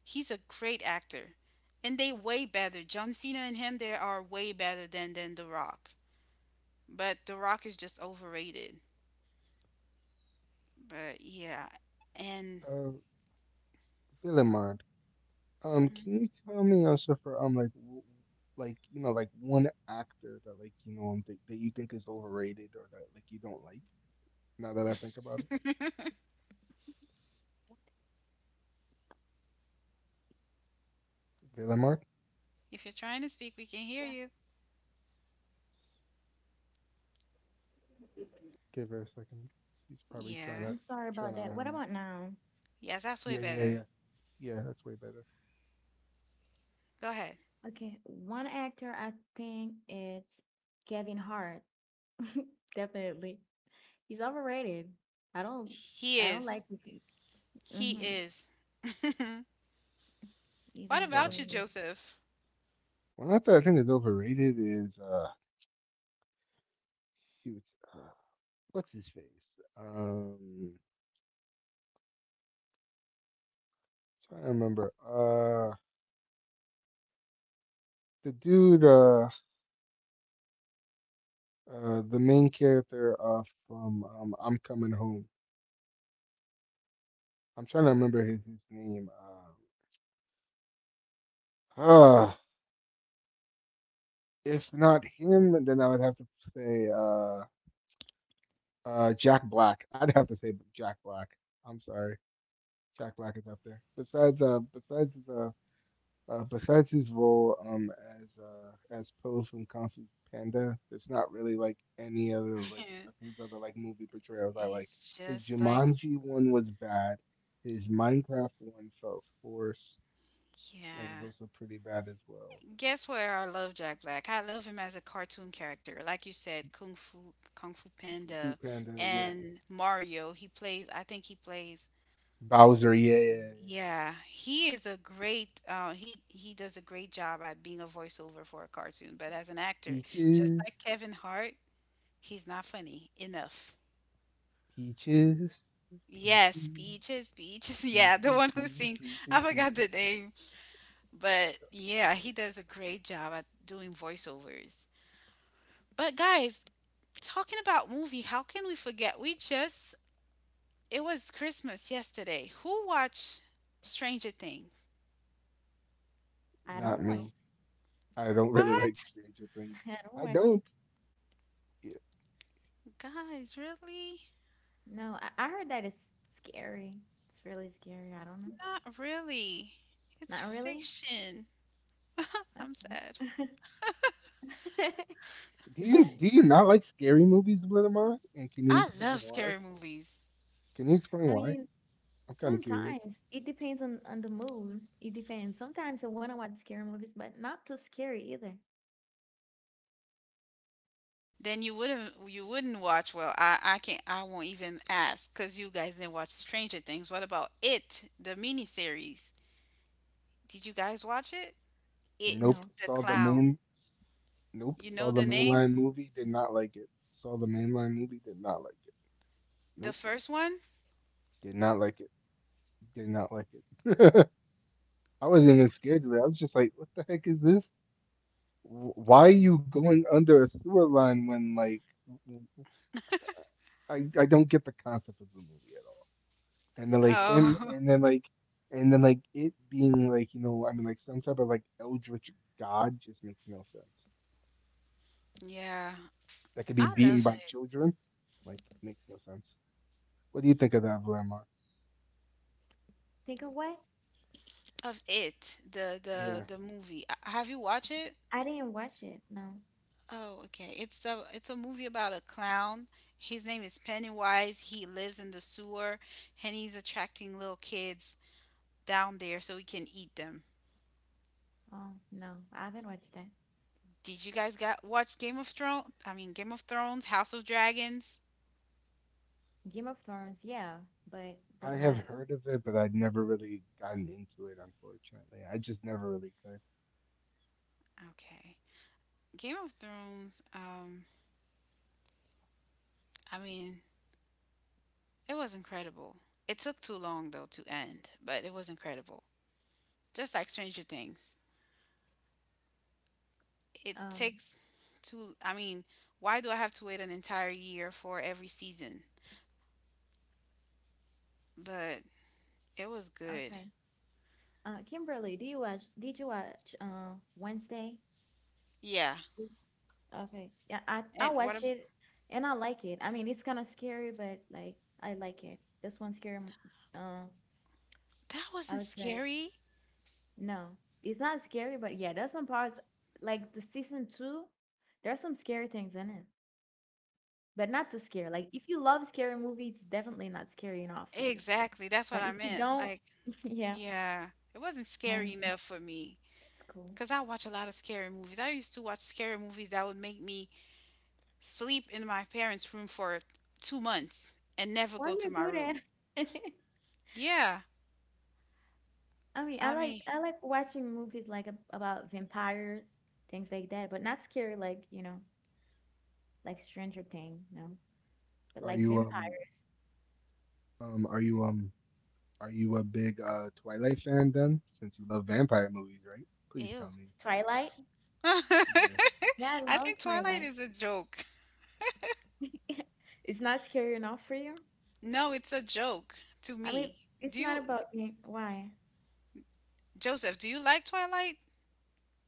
[SPEAKER 1] He's a great actor, and they way better. John Cena and him, they are way better than than The Rock. But The Rock is just overrated. But yeah, and
[SPEAKER 2] Uh, Villemard, um,
[SPEAKER 1] mhm.
[SPEAKER 2] can you tell me also for um like w- like you know like one actor that like you know um, th- that you think is overrated or that like you don't like? Now that I think about it, Villemard,
[SPEAKER 1] If you're trying to speak, we can hear
[SPEAKER 3] Yeah.
[SPEAKER 1] you.
[SPEAKER 2] give her a second. She's probably trying
[SPEAKER 1] Yeah,
[SPEAKER 2] to
[SPEAKER 3] I'm sorry
[SPEAKER 2] turn
[SPEAKER 3] about
[SPEAKER 2] on
[SPEAKER 3] that.
[SPEAKER 2] her
[SPEAKER 3] What
[SPEAKER 2] mic.
[SPEAKER 3] about now?
[SPEAKER 1] yes, that's way
[SPEAKER 2] Yeah, yeah,
[SPEAKER 1] better.
[SPEAKER 2] yeah, yeah. That's way better.
[SPEAKER 1] Go ahead.
[SPEAKER 3] Okay, one actor I think it's Kevin Hart. Definitely. He's overrated. I don't
[SPEAKER 1] He
[SPEAKER 3] I don't like
[SPEAKER 1] is.
[SPEAKER 3] his
[SPEAKER 1] He
[SPEAKER 3] mm-hmm.
[SPEAKER 1] is.
[SPEAKER 3] He's
[SPEAKER 1] What
[SPEAKER 2] Uh,
[SPEAKER 1] about you,
[SPEAKER 2] but
[SPEAKER 3] overrated.
[SPEAKER 1] Joseph?
[SPEAKER 2] one actor I think is overrated is uh, shoot, uh, what's his face? Um. trying to remember. Uh, the dude, uh, uh, the main character uh, from um, I'm Coming Home. I'm trying to remember his, his name. Um, uh, if not him, then I would have to say uh, uh, Jack Black. I'd have to say Jack Black. I'm sorry, Jack Black is up there. Besides, uh, besides the Uh, besides his role um as uh as Pills from Kung Fu Panda, there's not really like any other like of his other like movie portrayals I like.
[SPEAKER 1] It's
[SPEAKER 2] His
[SPEAKER 1] just like,
[SPEAKER 2] Jumanji one was bad. His Minecraft one felt forced and was
[SPEAKER 1] yeah.
[SPEAKER 2] also pretty bad as well.
[SPEAKER 1] Guess where I love Jack Black? I love him as a cartoon character. Like you said, Kung Fu, Kung Fu
[SPEAKER 2] Kung Fu
[SPEAKER 1] Panda,
[SPEAKER 2] Panda, yeah.
[SPEAKER 1] and Mario. He plays, I think he plays.
[SPEAKER 2] Bowser, yeah, yeah, yeah, yeah.
[SPEAKER 1] Yeah, he is a great. Uh, he he does a great job at being a voiceover for a cartoon. But as an actor, just
[SPEAKER 2] Peaches,
[SPEAKER 1] like Kevin Hart, he's not funny enough.
[SPEAKER 2] peaches,
[SPEAKER 1] Yes,
[SPEAKER 2] peaches,
[SPEAKER 1] Peaches, Peaches. Yeah, the
[SPEAKER 2] peaches,
[SPEAKER 1] one who
[SPEAKER 2] peaches,
[SPEAKER 1] sings.
[SPEAKER 2] peaches,
[SPEAKER 1] I forgot
[SPEAKER 2] peaches.
[SPEAKER 1] the name. But yeah, he does a great job at doing voiceovers. But guys, talking about movie, how can we forget? We just It was Christmas yesterday. Who watched Stranger Things?
[SPEAKER 3] I
[SPEAKER 2] Not
[SPEAKER 3] don't watch.
[SPEAKER 1] No.
[SPEAKER 2] me. I don't really like
[SPEAKER 1] What?
[SPEAKER 2] Stranger Things.
[SPEAKER 3] I don't
[SPEAKER 2] I
[SPEAKER 3] watch
[SPEAKER 2] don't.
[SPEAKER 3] it.
[SPEAKER 1] Guys, really?
[SPEAKER 3] No, I, I heard that it's scary. It's really scary. I don't know.
[SPEAKER 1] Not really. It's
[SPEAKER 3] Not really?
[SPEAKER 1] fiction. I'm sad.
[SPEAKER 3] Okay.
[SPEAKER 2] Do
[SPEAKER 3] It
[SPEAKER 2] you
[SPEAKER 3] don't.
[SPEAKER 2] do you not like scary movies, Blitamon? And can you
[SPEAKER 1] I
[SPEAKER 2] explain
[SPEAKER 1] love
[SPEAKER 2] why?
[SPEAKER 1] scary movies.
[SPEAKER 2] Can you explain
[SPEAKER 3] I
[SPEAKER 2] why?
[SPEAKER 3] mean
[SPEAKER 2] I'm kind of curious.
[SPEAKER 3] sometimes it depends on, on the mood. It depends. Sometimes I wanna watch scary movies, but not too scary either.
[SPEAKER 1] Then you wouldn't you wouldn't watch well. I I can't I won't even ask because you guys didn't watch Stranger Things. What about it, the miniseries? Did you guys watch it? It,
[SPEAKER 2] Nope.
[SPEAKER 3] No.
[SPEAKER 1] the
[SPEAKER 2] Saw the
[SPEAKER 1] Clown.
[SPEAKER 2] main. Nope.
[SPEAKER 1] You
[SPEAKER 2] Saw
[SPEAKER 1] know
[SPEAKER 2] the
[SPEAKER 1] the name?
[SPEAKER 2] mainline movie. Did not like it. Saw the mainline movie. Did not like it.
[SPEAKER 1] The
[SPEAKER 2] Nope.
[SPEAKER 1] first one?
[SPEAKER 2] Did not like it. Did not like it. I wasn't even scared of it. I was just like, what the heck is this? Wh- Why are you going under a sewer line when like w- w- I I don't get the concept of the movie at all. And then like him
[SPEAKER 1] Oh,
[SPEAKER 2] and then like and then like It being like, you know, I mean, like some type of like eldritch god just makes no sense.
[SPEAKER 1] yeah,
[SPEAKER 2] That could be
[SPEAKER 1] I
[SPEAKER 2] beaten
[SPEAKER 1] love
[SPEAKER 2] by
[SPEAKER 1] it.
[SPEAKER 2] children, like makes no sense. What do you think of that, Vlamar?
[SPEAKER 3] Think of what?
[SPEAKER 1] Of it, the the
[SPEAKER 2] Yeah,
[SPEAKER 1] the movie. Uh, Have you watched it?
[SPEAKER 3] I didn't watch it. No.
[SPEAKER 1] Oh, okay. It's a it's a movie about a clown. His name is Pennywise. He lives in the sewer, and he's attracting little kids down there so he can eat them.
[SPEAKER 3] Oh, no. I haven't watched that.
[SPEAKER 1] Did you guys got watch Game of Thrones? I mean Game of Thrones, House of Dragons?
[SPEAKER 3] Game of Thrones, yeah, but but
[SPEAKER 2] I have
[SPEAKER 3] not
[SPEAKER 2] heard of it, but I'd never really gotten into it. Unfortunately, I just never really could.
[SPEAKER 1] Okay. Game of Thrones, um I mean, it was incredible. It took too long though to end, but it was incredible. Just like Stranger Things. It
[SPEAKER 3] um
[SPEAKER 1] takes too. I mean, why do I have to wait an entire year for every season? But it was good.
[SPEAKER 3] okay. Uh Kimberly, do you watch did you watch uh Wednesday?
[SPEAKER 1] Yeah.
[SPEAKER 3] Mm. Okay. Yeah, I I
[SPEAKER 1] And what ab-
[SPEAKER 3] watched it and I like it. I mean, it's kind of scary, but like I like it. This one's scary. m- Uh,
[SPEAKER 1] that
[SPEAKER 3] I
[SPEAKER 1] wasn't
[SPEAKER 3] would say
[SPEAKER 1] scary?
[SPEAKER 3] no. It's not scary, but yeah, there's some parts like the season two. There's some scary things in it. But not too scary. Like if you love scary movie, it's definitely not scary enough for you.
[SPEAKER 1] Exactly. That's what
[SPEAKER 3] But
[SPEAKER 1] I
[SPEAKER 3] if you
[SPEAKER 1] meant.
[SPEAKER 3] don't,
[SPEAKER 1] Like,
[SPEAKER 3] yeah,
[SPEAKER 1] yeah. It wasn't scary
[SPEAKER 3] mine's
[SPEAKER 1] enough for me.
[SPEAKER 3] it's cool.
[SPEAKER 1] Because I watch a lot of scary movies. I used to watch scary movies that would make me sleep in my parents' room for two months and never
[SPEAKER 3] Why
[SPEAKER 1] go to
[SPEAKER 3] you
[SPEAKER 1] my
[SPEAKER 3] do
[SPEAKER 1] room.
[SPEAKER 3] that?
[SPEAKER 1] Yeah,
[SPEAKER 3] I mean, I
[SPEAKER 1] I
[SPEAKER 3] like
[SPEAKER 1] mean,
[SPEAKER 3] I like watching movies like ab- about vampires, things like that, but not scary like, you know, like Stranger Things, no. But
[SPEAKER 2] Are
[SPEAKER 3] like
[SPEAKER 2] you um
[SPEAKER 3] vampires.
[SPEAKER 2] um are you um are you a big uh Twilight fan then? Since you love vampire movies, right? Please
[SPEAKER 1] ew.
[SPEAKER 2] tell me.
[SPEAKER 3] Twilight? Yeah, I
[SPEAKER 1] I
[SPEAKER 3] love
[SPEAKER 1] think Twilight
[SPEAKER 3] Twilight.
[SPEAKER 1] is a joke.
[SPEAKER 3] It's not scary enough for you?
[SPEAKER 1] No, it's a joke to
[SPEAKER 3] I mean,
[SPEAKER 1] me. Do
[SPEAKER 3] it's
[SPEAKER 1] you,
[SPEAKER 3] not about being, why?
[SPEAKER 1] Joseph, do you like Twilight?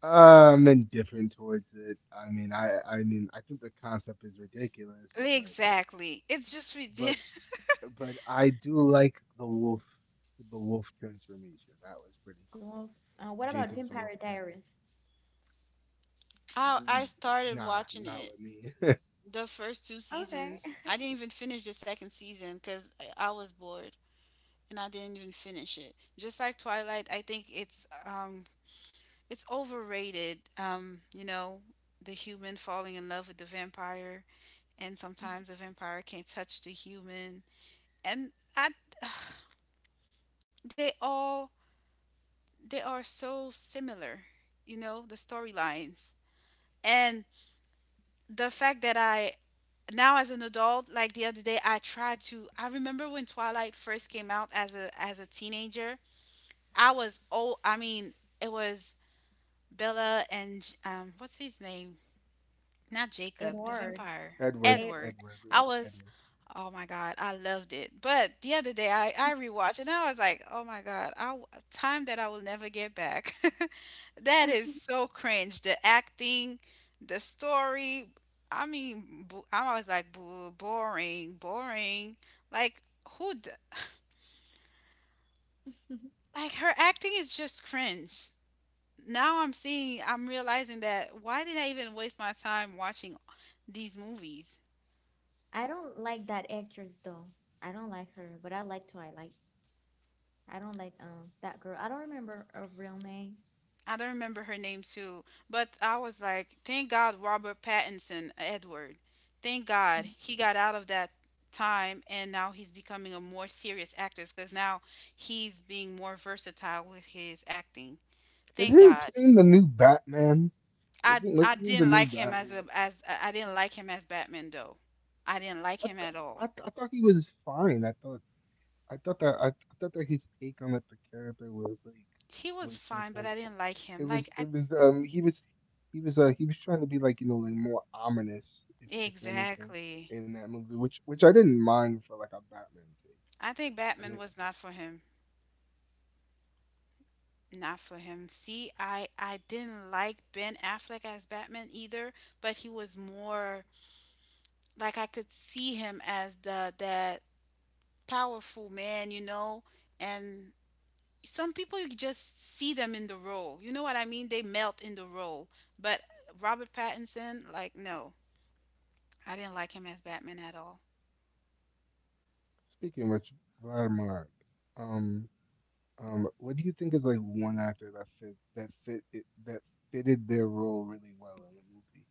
[SPEAKER 2] Uh, I'm indifferent towards it. I mean, I I mean, I think the concept is ridiculous, but
[SPEAKER 1] Exactly. It's just
[SPEAKER 2] but
[SPEAKER 1] ridiculous.
[SPEAKER 2] but I do like the wolf, the wolf transformation. That was pretty
[SPEAKER 3] The
[SPEAKER 2] cool.
[SPEAKER 3] wolf. Uh, what about
[SPEAKER 2] Jacob's wolf
[SPEAKER 3] Vampire Diaries?
[SPEAKER 1] I I
[SPEAKER 2] transformation.
[SPEAKER 1] started
[SPEAKER 2] Nah,
[SPEAKER 1] watching
[SPEAKER 2] not
[SPEAKER 1] it
[SPEAKER 2] with me.
[SPEAKER 1] the first two
[SPEAKER 3] Okay.
[SPEAKER 1] seasons. I didn't even finish the second season because I I was bored, and I didn't even finish it. Just like Twilight, I think it's um it's overrated. Um, you know, the human falling in love with the vampire, and sometimes the vampire can touch the human, and I, they all they are so similar, you know, the storylines. And the fact that I now as an adult, like the other day I tried to I remember when Twilight first came out as a, as a teenager. I was old. I mean, it was Bella and, um what's his name, not Jacob, the
[SPEAKER 3] Edward.
[SPEAKER 1] vampire,
[SPEAKER 2] Edward,
[SPEAKER 3] Edward.
[SPEAKER 1] Edward.
[SPEAKER 2] Edward,
[SPEAKER 1] I was,
[SPEAKER 2] Edward.
[SPEAKER 1] oh my God, I loved it. But the other day I, I rewatched and I was like, oh my God, I, w- time that I will never get back. That is so cringe. The acting, the story. I mean, bo- I was like, boo, boring, boring. Like, who, d- like, her acting is just cringe. Now I'm seeing, I'm realizing that why did I even waste my time watching these movies?
[SPEAKER 3] I don't like that actress though. I don't like her, but I like Twilight. I don't like um that girl. I don't remember her real name.
[SPEAKER 1] I don't remember her name too, but I was like, thank God Robert Pattinson, Edward. Thank God
[SPEAKER 3] Mhm.
[SPEAKER 1] he got out of that time and now he's becoming a more serious actor, because now he's being more versatile with his acting.
[SPEAKER 2] Is
[SPEAKER 1] Thank
[SPEAKER 2] he
[SPEAKER 1] God.
[SPEAKER 2] playing the new Batman?
[SPEAKER 1] I
[SPEAKER 2] Wasn't
[SPEAKER 1] I
[SPEAKER 2] listening to the
[SPEAKER 1] didn't
[SPEAKER 2] new
[SPEAKER 1] like him as
[SPEAKER 2] Batman.
[SPEAKER 1] a as I didn't like him as Batman though. I didn't like
[SPEAKER 2] I,
[SPEAKER 1] him
[SPEAKER 2] th-
[SPEAKER 1] at
[SPEAKER 2] I,
[SPEAKER 1] all.
[SPEAKER 2] th- I thought he was fine. I thought I thought that I, I thought that his take on like the character was like
[SPEAKER 1] He was
[SPEAKER 2] was just
[SPEAKER 1] fine, but
[SPEAKER 2] like.
[SPEAKER 1] I didn't like
[SPEAKER 2] It
[SPEAKER 1] him. Like
[SPEAKER 2] was
[SPEAKER 1] I
[SPEAKER 2] it was um he was he was uh he was trying to be like, you know, like more ominous if if anything
[SPEAKER 1] Exactly.
[SPEAKER 2] in that movie, which which I didn't mind for like a Batman take.
[SPEAKER 1] I think
[SPEAKER 2] I
[SPEAKER 1] Batman
[SPEAKER 2] mean,
[SPEAKER 1] was not for him. Not for him. See, I I didn't like Ben Affleck as Batman either, but he was more like I could see him as the, that powerful man, you know? And some people you just see them in the role. You know what I mean? They melt in the role. But Robert Pattinson, like no. I didn't like him as Batman at all.
[SPEAKER 2] speaking of which, Vladimir, um um what do you think is like one actor that fit that fit it that fitted their role really well in the movie?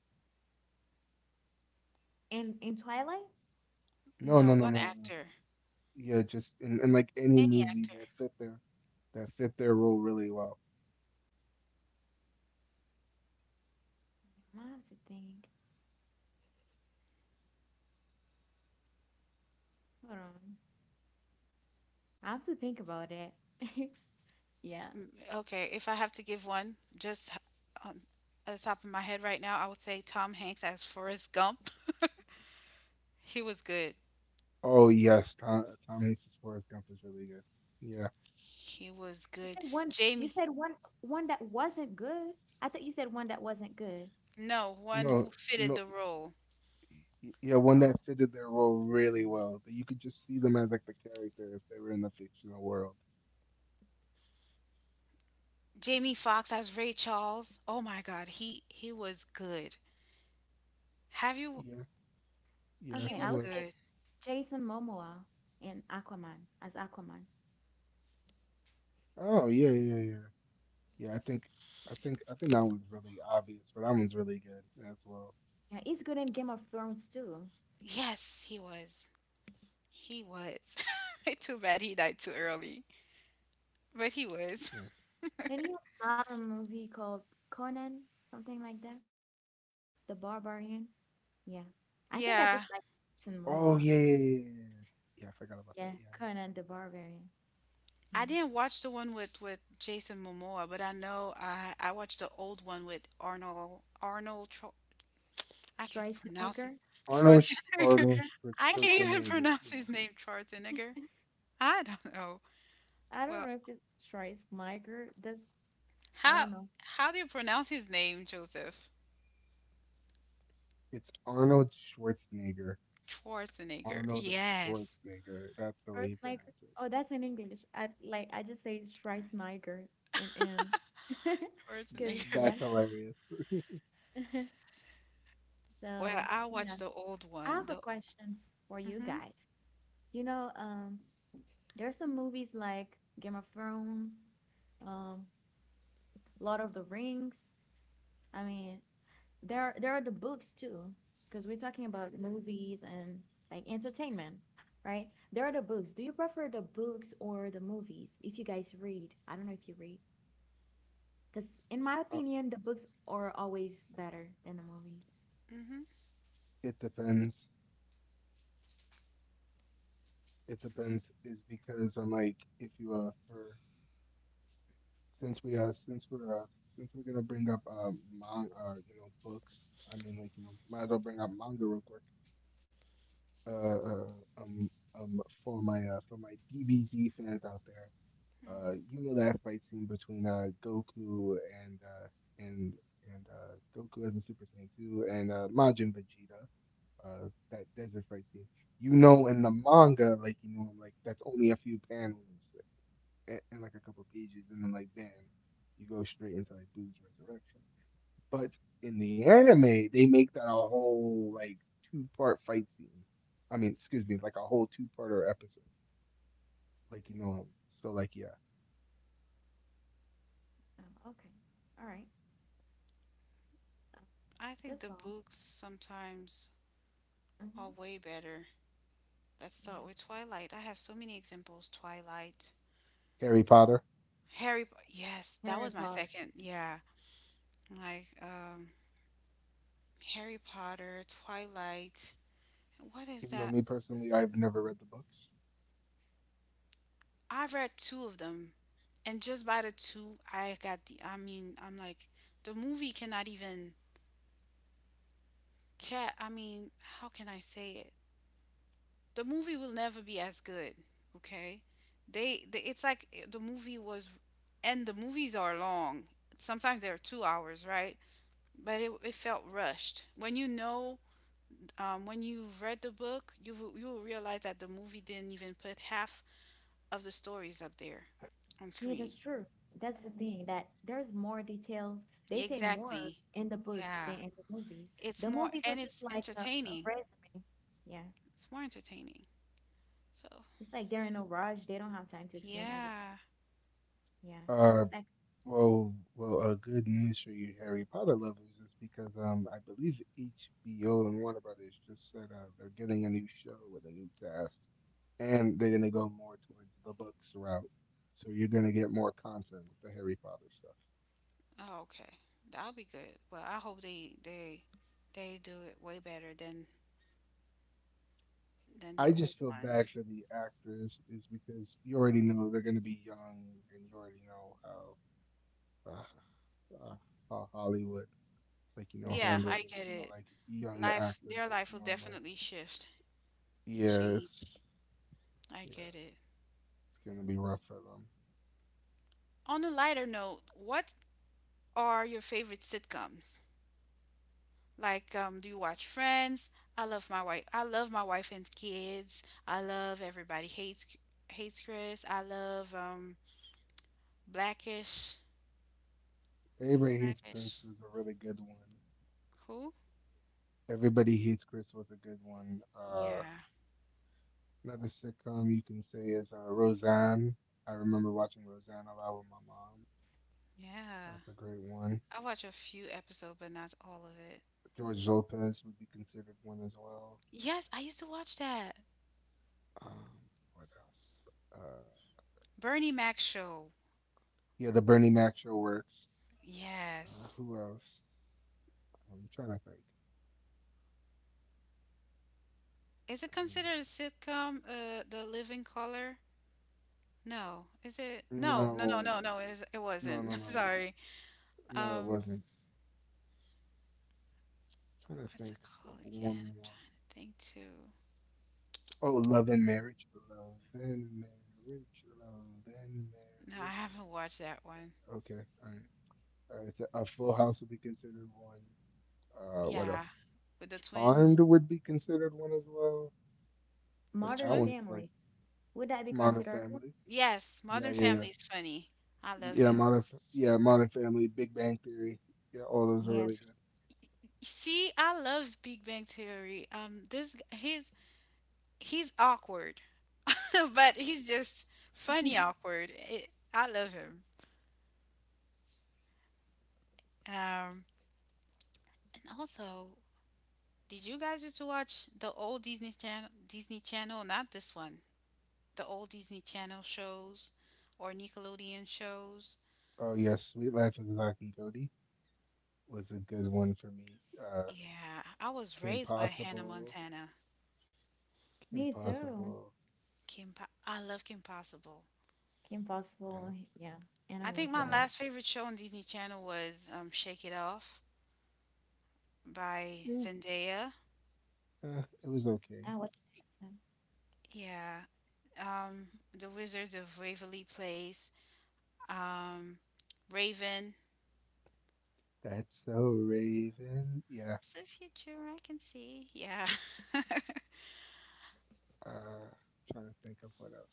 [SPEAKER 3] In in Twilight?
[SPEAKER 2] No
[SPEAKER 1] No,
[SPEAKER 2] no no
[SPEAKER 1] one
[SPEAKER 2] no no
[SPEAKER 1] actor.
[SPEAKER 2] Yeah, just in, in like any
[SPEAKER 1] Any
[SPEAKER 2] movie
[SPEAKER 1] actor.
[SPEAKER 2] that fit their that fit their role really well.
[SPEAKER 3] Yeah, I have to think. Hold on. I have to think about it. Yeah.
[SPEAKER 1] Okay, if I have to give one, just um, at the top of my head right now, I would say Tom Hanks as Forrest Gump. He was good.
[SPEAKER 2] Oh yes, Tom Tom Hanks' Forrest Gump is really good. Yeah.
[SPEAKER 1] He was
[SPEAKER 3] You
[SPEAKER 1] good.
[SPEAKER 3] said one you
[SPEAKER 1] Jamie,
[SPEAKER 3] said one one that wasn't good. I thought you said one that wasn't good.
[SPEAKER 1] no, one
[SPEAKER 2] No,
[SPEAKER 1] who fitted the
[SPEAKER 2] no,
[SPEAKER 1] role.
[SPEAKER 2] y- yeah, one
[SPEAKER 3] Oh,
[SPEAKER 2] that fitted their role really well. That you could just see them as like the character if they were in the fictional world.
[SPEAKER 1] Jamie Foxx as Ray Charles. Oh my God, he he was good. Have you?
[SPEAKER 2] Yeah,
[SPEAKER 3] okay.
[SPEAKER 1] He
[SPEAKER 3] Okay,
[SPEAKER 2] yeah,
[SPEAKER 3] I
[SPEAKER 1] was
[SPEAKER 2] he
[SPEAKER 3] would
[SPEAKER 2] was.
[SPEAKER 3] say
[SPEAKER 1] good.
[SPEAKER 3] Jason Momoa in Aquaman as Aquaman.
[SPEAKER 2] Oh, yeah, yeah, yeah. Yeah, I think, I think, I think that one's really obvious, but that one's really good as well.
[SPEAKER 3] Yeah, he's good in Game of Thrones too.
[SPEAKER 1] Yes, he was. He was. Too bad he died too early, but he was.
[SPEAKER 2] Yeah.
[SPEAKER 3] Did he start a movie called Conan, something like that? The Barbarian? Yeah. I think I
[SPEAKER 1] Yeah,
[SPEAKER 3] just like Jason
[SPEAKER 2] Oh,
[SPEAKER 3] Momoa.
[SPEAKER 2] yeah, yeah, yeah, yeah, yeah, yeah, I forgot about that.
[SPEAKER 3] Yeah,
[SPEAKER 2] Yeah, yeah.
[SPEAKER 3] Conan the Barbarian.
[SPEAKER 1] I
[SPEAKER 3] Yeah.
[SPEAKER 1] didn't watch the one with with Jason Momoa, but I know I I watched the old one with Arnold Arnold. Tro- I can't pronounce it.
[SPEAKER 3] Schwarzenegger?
[SPEAKER 2] Arnold, Sch
[SPEAKER 1] Schwarzenegger.
[SPEAKER 2] Arnold Schwar-
[SPEAKER 1] I can't even
[SPEAKER 2] Schwarzenegger.
[SPEAKER 1] pronounce
[SPEAKER 2] Yeah,
[SPEAKER 1] his name, Schwarzenegger. I don't know.
[SPEAKER 3] I don't
[SPEAKER 1] Well,
[SPEAKER 3] know if it's Schwarzenegger. That's I
[SPEAKER 1] how
[SPEAKER 3] don't know.
[SPEAKER 1] how do you pronounce his name, Joseph?
[SPEAKER 2] it's Arnold Schwarzenegger.
[SPEAKER 1] Schwarzenegger.
[SPEAKER 2] Arnold
[SPEAKER 1] Yes,
[SPEAKER 2] Schwarzenegger. That's the way you
[SPEAKER 3] Schwarzenegger.
[SPEAKER 2] pronounce it.
[SPEAKER 3] Oh, that's in English. I like I just say Schwarzenegger in in because
[SPEAKER 1] Schwarzenegger.
[SPEAKER 3] yeah.
[SPEAKER 2] That's hilarious.
[SPEAKER 1] Well,
[SPEAKER 3] So
[SPEAKER 1] I watch
[SPEAKER 3] yeah,
[SPEAKER 1] the old
[SPEAKER 3] I
[SPEAKER 1] one.
[SPEAKER 3] have a
[SPEAKER 1] The
[SPEAKER 3] question for you
[SPEAKER 1] Mhm.
[SPEAKER 3] guys. You know, um, there's some movies like Game of Thrones, um, Lord of the Rings. I mean, there are, there are the books too, because we're talking about movies and like entertainment, right? There are the books. Do you prefer the books or the movies? If you guys read, I don't know if you read, because in my
[SPEAKER 2] Uh,
[SPEAKER 3] opinion, the books are always better than the movies.
[SPEAKER 1] Mhm.
[SPEAKER 2] it depends. It depends is because I'm like if you uh for since we uh since we're uh since we're gonna bring up uh, man, uh you know, books, I mean, like, you know, might as well bring up manga real quick. uh, uh um um for my uh for my D B Z fans out there, uh you know that fight scene between uh Goku and uh and and uh Goku as a Super Saiyan two and uh Majin Vegeta, uh that desert fight scene, you know, in the manga, like, you know, like that's only a few panels and, and like a couple pages, and then like then you go straight into like Blue's resurrection. But in the anime, they make that a whole like two part fight scene. I mean, excuse me, like a whole two parter episode. Like, you know, so like yeah.
[SPEAKER 3] Oh, okay, all right,
[SPEAKER 1] I think
[SPEAKER 3] that's
[SPEAKER 1] the
[SPEAKER 3] all.
[SPEAKER 1] books sometimes are
[SPEAKER 3] Mm-hmm.
[SPEAKER 1] way better. Let's
[SPEAKER 3] Yeah,
[SPEAKER 1] start with Twilight. I have so many examples. Twilight,
[SPEAKER 2] Harry Potter.
[SPEAKER 1] Harry. Po- Yes, that
[SPEAKER 3] Harry
[SPEAKER 1] was my
[SPEAKER 3] Potter.
[SPEAKER 1] second. Yeah, like um, Harry Potter, Twilight. What is
[SPEAKER 2] Even though
[SPEAKER 1] that?
[SPEAKER 2] me personally, I've never read the books.
[SPEAKER 1] I read two of them, and just by the two, I got the. I mean, I'm like, the movie cannot even. Cat. I mean, how can I say it? The movie will never be as good. Okay, they. they it's like the movie was, and the movies are long. Sometimes they're two hours, right? But it, it felt rushed. When you know, um, when you have read the book, you will- you will realize that the movie didn't even put half of the stories up there on
[SPEAKER 3] Yeah,
[SPEAKER 1] screen.
[SPEAKER 3] that's true. That's the thing that there's more details. They say more
[SPEAKER 1] Exactly.
[SPEAKER 3] in the books
[SPEAKER 1] Yeah.
[SPEAKER 3] than in the movies.
[SPEAKER 1] It's
[SPEAKER 3] The
[SPEAKER 1] more
[SPEAKER 3] movies are
[SPEAKER 1] and
[SPEAKER 3] just
[SPEAKER 1] it's
[SPEAKER 3] like a, a
[SPEAKER 1] entertaining.
[SPEAKER 3] resume. Yeah.
[SPEAKER 1] It's more entertaining. So,
[SPEAKER 3] It's like they're in a rush. They don't have time to explain everything.
[SPEAKER 1] yeah.
[SPEAKER 3] Yeah. It's
[SPEAKER 2] Uh,
[SPEAKER 3] like
[SPEAKER 2] Well, well, uh, good news for you, Harry Potter lovers, is because um, I believe H B O and Warner Brothers just said uh, they're getting a new show with a new cast, and they're gonna go more towards the books route. So you're gonna get more content with the Harry Potter stuff.
[SPEAKER 1] Oh, okay. That'll be good. Well, I hope they they they do it way better than than the
[SPEAKER 2] I
[SPEAKER 1] old
[SPEAKER 2] just feel bad
[SPEAKER 1] ones.
[SPEAKER 2] for the actors, is because you already know they're gonna be young, and you already know how uh, uh, how Hollywood, like, you know,
[SPEAKER 1] Yeah, I
[SPEAKER 2] handles, like,
[SPEAKER 1] get
[SPEAKER 2] you know,
[SPEAKER 1] it.
[SPEAKER 2] like younger
[SPEAKER 1] Life,
[SPEAKER 2] actors,
[SPEAKER 1] their
[SPEAKER 2] like,
[SPEAKER 1] life
[SPEAKER 2] you
[SPEAKER 1] will
[SPEAKER 2] know, I'm like,
[SPEAKER 1] definitely shift and
[SPEAKER 2] yes,
[SPEAKER 1] change. I
[SPEAKER 2] yes.
[SPEAKER 1] get it.
[SPEAKER 2] It's gonna be rough for them.
[SPEAKER 1] On a lighter note, what are your favorite sitcoms? Like, um, do you watch Friends? I love my wife. I love my wife and kids. I love Everybody Hates Hates Chris. I love um Blackish. Was it
[SPEAKER 2] Everybody Hates Prince
[SPEAKER 1] Blackish?
[SPEAKER 2] was a really good one.
[SPEAKER 1] Who?
[SPEAKER 2] Everybody Hates Chris was a good one. Uh,
[SPEAKER 1] Yeah,
[SPEAKER 2] another sitcom you can say is uh, Roseanne. I remember watching Roseanne a lot with my mom.
[SPEAKER 1] yeah.
[SPEAKER 2] That's a great one.
[SPEAKER 1] I watch a few episodes, but not all of it.
[SPEAKER 2] George Lopez would be considered one as well.
[SPEAKER 1] Yes, I used to watch that
[SPEAKER 2] Um, what else? Uh,
[SPEAKER 1] Bernie Mac show.
[SPEAKER 2] yeah, the Bernie Mac show works. Uh,
[SPEAKER 1] Yes.
[SPEAKER 2] who else? I'm trying to think.
[SPEAKER 1] Is it considered a sitcom? Uh, The Living Color? No, is it?
[SPEAKER 2] Um,
[SPEAKER 1] No, no, no,
[SPEAKER 2] no,
[SPEAKER 1] no, no. It, it
[SPEAKER 2] no,
[SPEAKER 1] wasn't.
[SPEAKER 2] no, no, no.
[SPEAKER 1] Sorry.
[SPEAKER 2] No, it
[SPEAKER 1] Um,
[SPEAKER 2] wasn't. I'm trying to
[SPEAKER 1] What's
[SPEAKER 2] think
[SPEAKER 1] it
[SPEAKER 2] of
[SPEAKER 1] called again?
[SPEAKER 2] one
[SPEAKER 1] I'm
[SPEAKER 2] more.
[SPEAKER 1] trying to think too.
[SPEAKER 2] Oh, love and marriage, love and marriage, love and
[SPEAKER 1] No, I
[SPEAKER 2] marriage.
[SPEAKER 1] haven't watched that one.
[SPEAKER 2] Okay, all right. All right, so a Full House would be considered one. Uh, what
[SPEAKER 1] Yeah,
[SPEAKER 2] else?
[SPEAKER 1] with the twins.
[SPEAKER 2] Charmed would be considered one as well, but
[SPEAKER 1] Which
[SPEAKER 3] Modern
[SPEAKER 2] that
[SPEAKER 1] one?
[SPEAKER 2] one's
[SPEAKER 3] Family.
[SPEAKER 2] like
[SPEAKER 3] Would that be
[SPEAKER 2] Modern
[SPEAKER 3] considered one?
[SPEAKER 2] Family.
[SPEAKER 1] Yes, Modern
[SPEAKER 2] Yeah, yeah, yeah,
[SPEAKER 1] Family is funny. I love
[SPEAKER 2] yeah.
[SPEAKER 1] it.
[SPEAKER 3] Um,
[SPEAKER 2] Modern, F- yeah, Modern Family, Big Bang Theory. Yeah, all those are
[SPEAKER 3] yeah.
[SPEAKER 2] really good.
[SPEAKER 1] See, I love Big Bang Theory. Um, this g- he's he's awkward, but he's just funny awkward. It, I love him. Um, and also, did you guys used to watch the old Disney Channel? Disney Channel, not this one. The old Disney Channel shows or Nickelodeon shows.
[SPEAKER 2] Oh yeah, Sweet Life of Zack and Cody was a good one for me. Uh,
[SPEAKER 1] Yeah, I was
[SPEAKER 2] Kim
[SPEAKER 1] raised by Hannah
[SPEAKER 2] Possible,
[SPEAKER 1] Montana.
[SPEAKER 2] Kim
[SPEAKER 3] Me too.
[SPEAKER 2] Possible.
[SPEAKER 1] Kim, po- I love Kim Possible.
[SPEAKER 3] Kim
[SPEAKER 2] Uh,
[SPEAKER 3] Possible. Yeah. And
[SPEAKER 1] I
[SPEAKER 3] one
[SPEAKER 1] think my
[SPEAKER 2] what else?
[SPEAKER 3] time.
[SPEAKER 1] last favorite show on Disney Channel was um, Shake It Off by
[SPEAKER 2] Yeah,
[SPEAKER 1] Zendaya.
[SPEAKER 2] Uh, it was
[SPEAKER 3] I
[SPEAKER 2] okay.
[SPEAKER 3] watched that.
[SPEAKER 1] Yeah, um, The Wizards of Waverly Place, um, Raven.
[SPEAKER 2] That's so Raven. Yeah.
[SPEAKER 1] It's the future I can see. Yeah,
[SPEAKER 2] Uh, Trying to think of what else.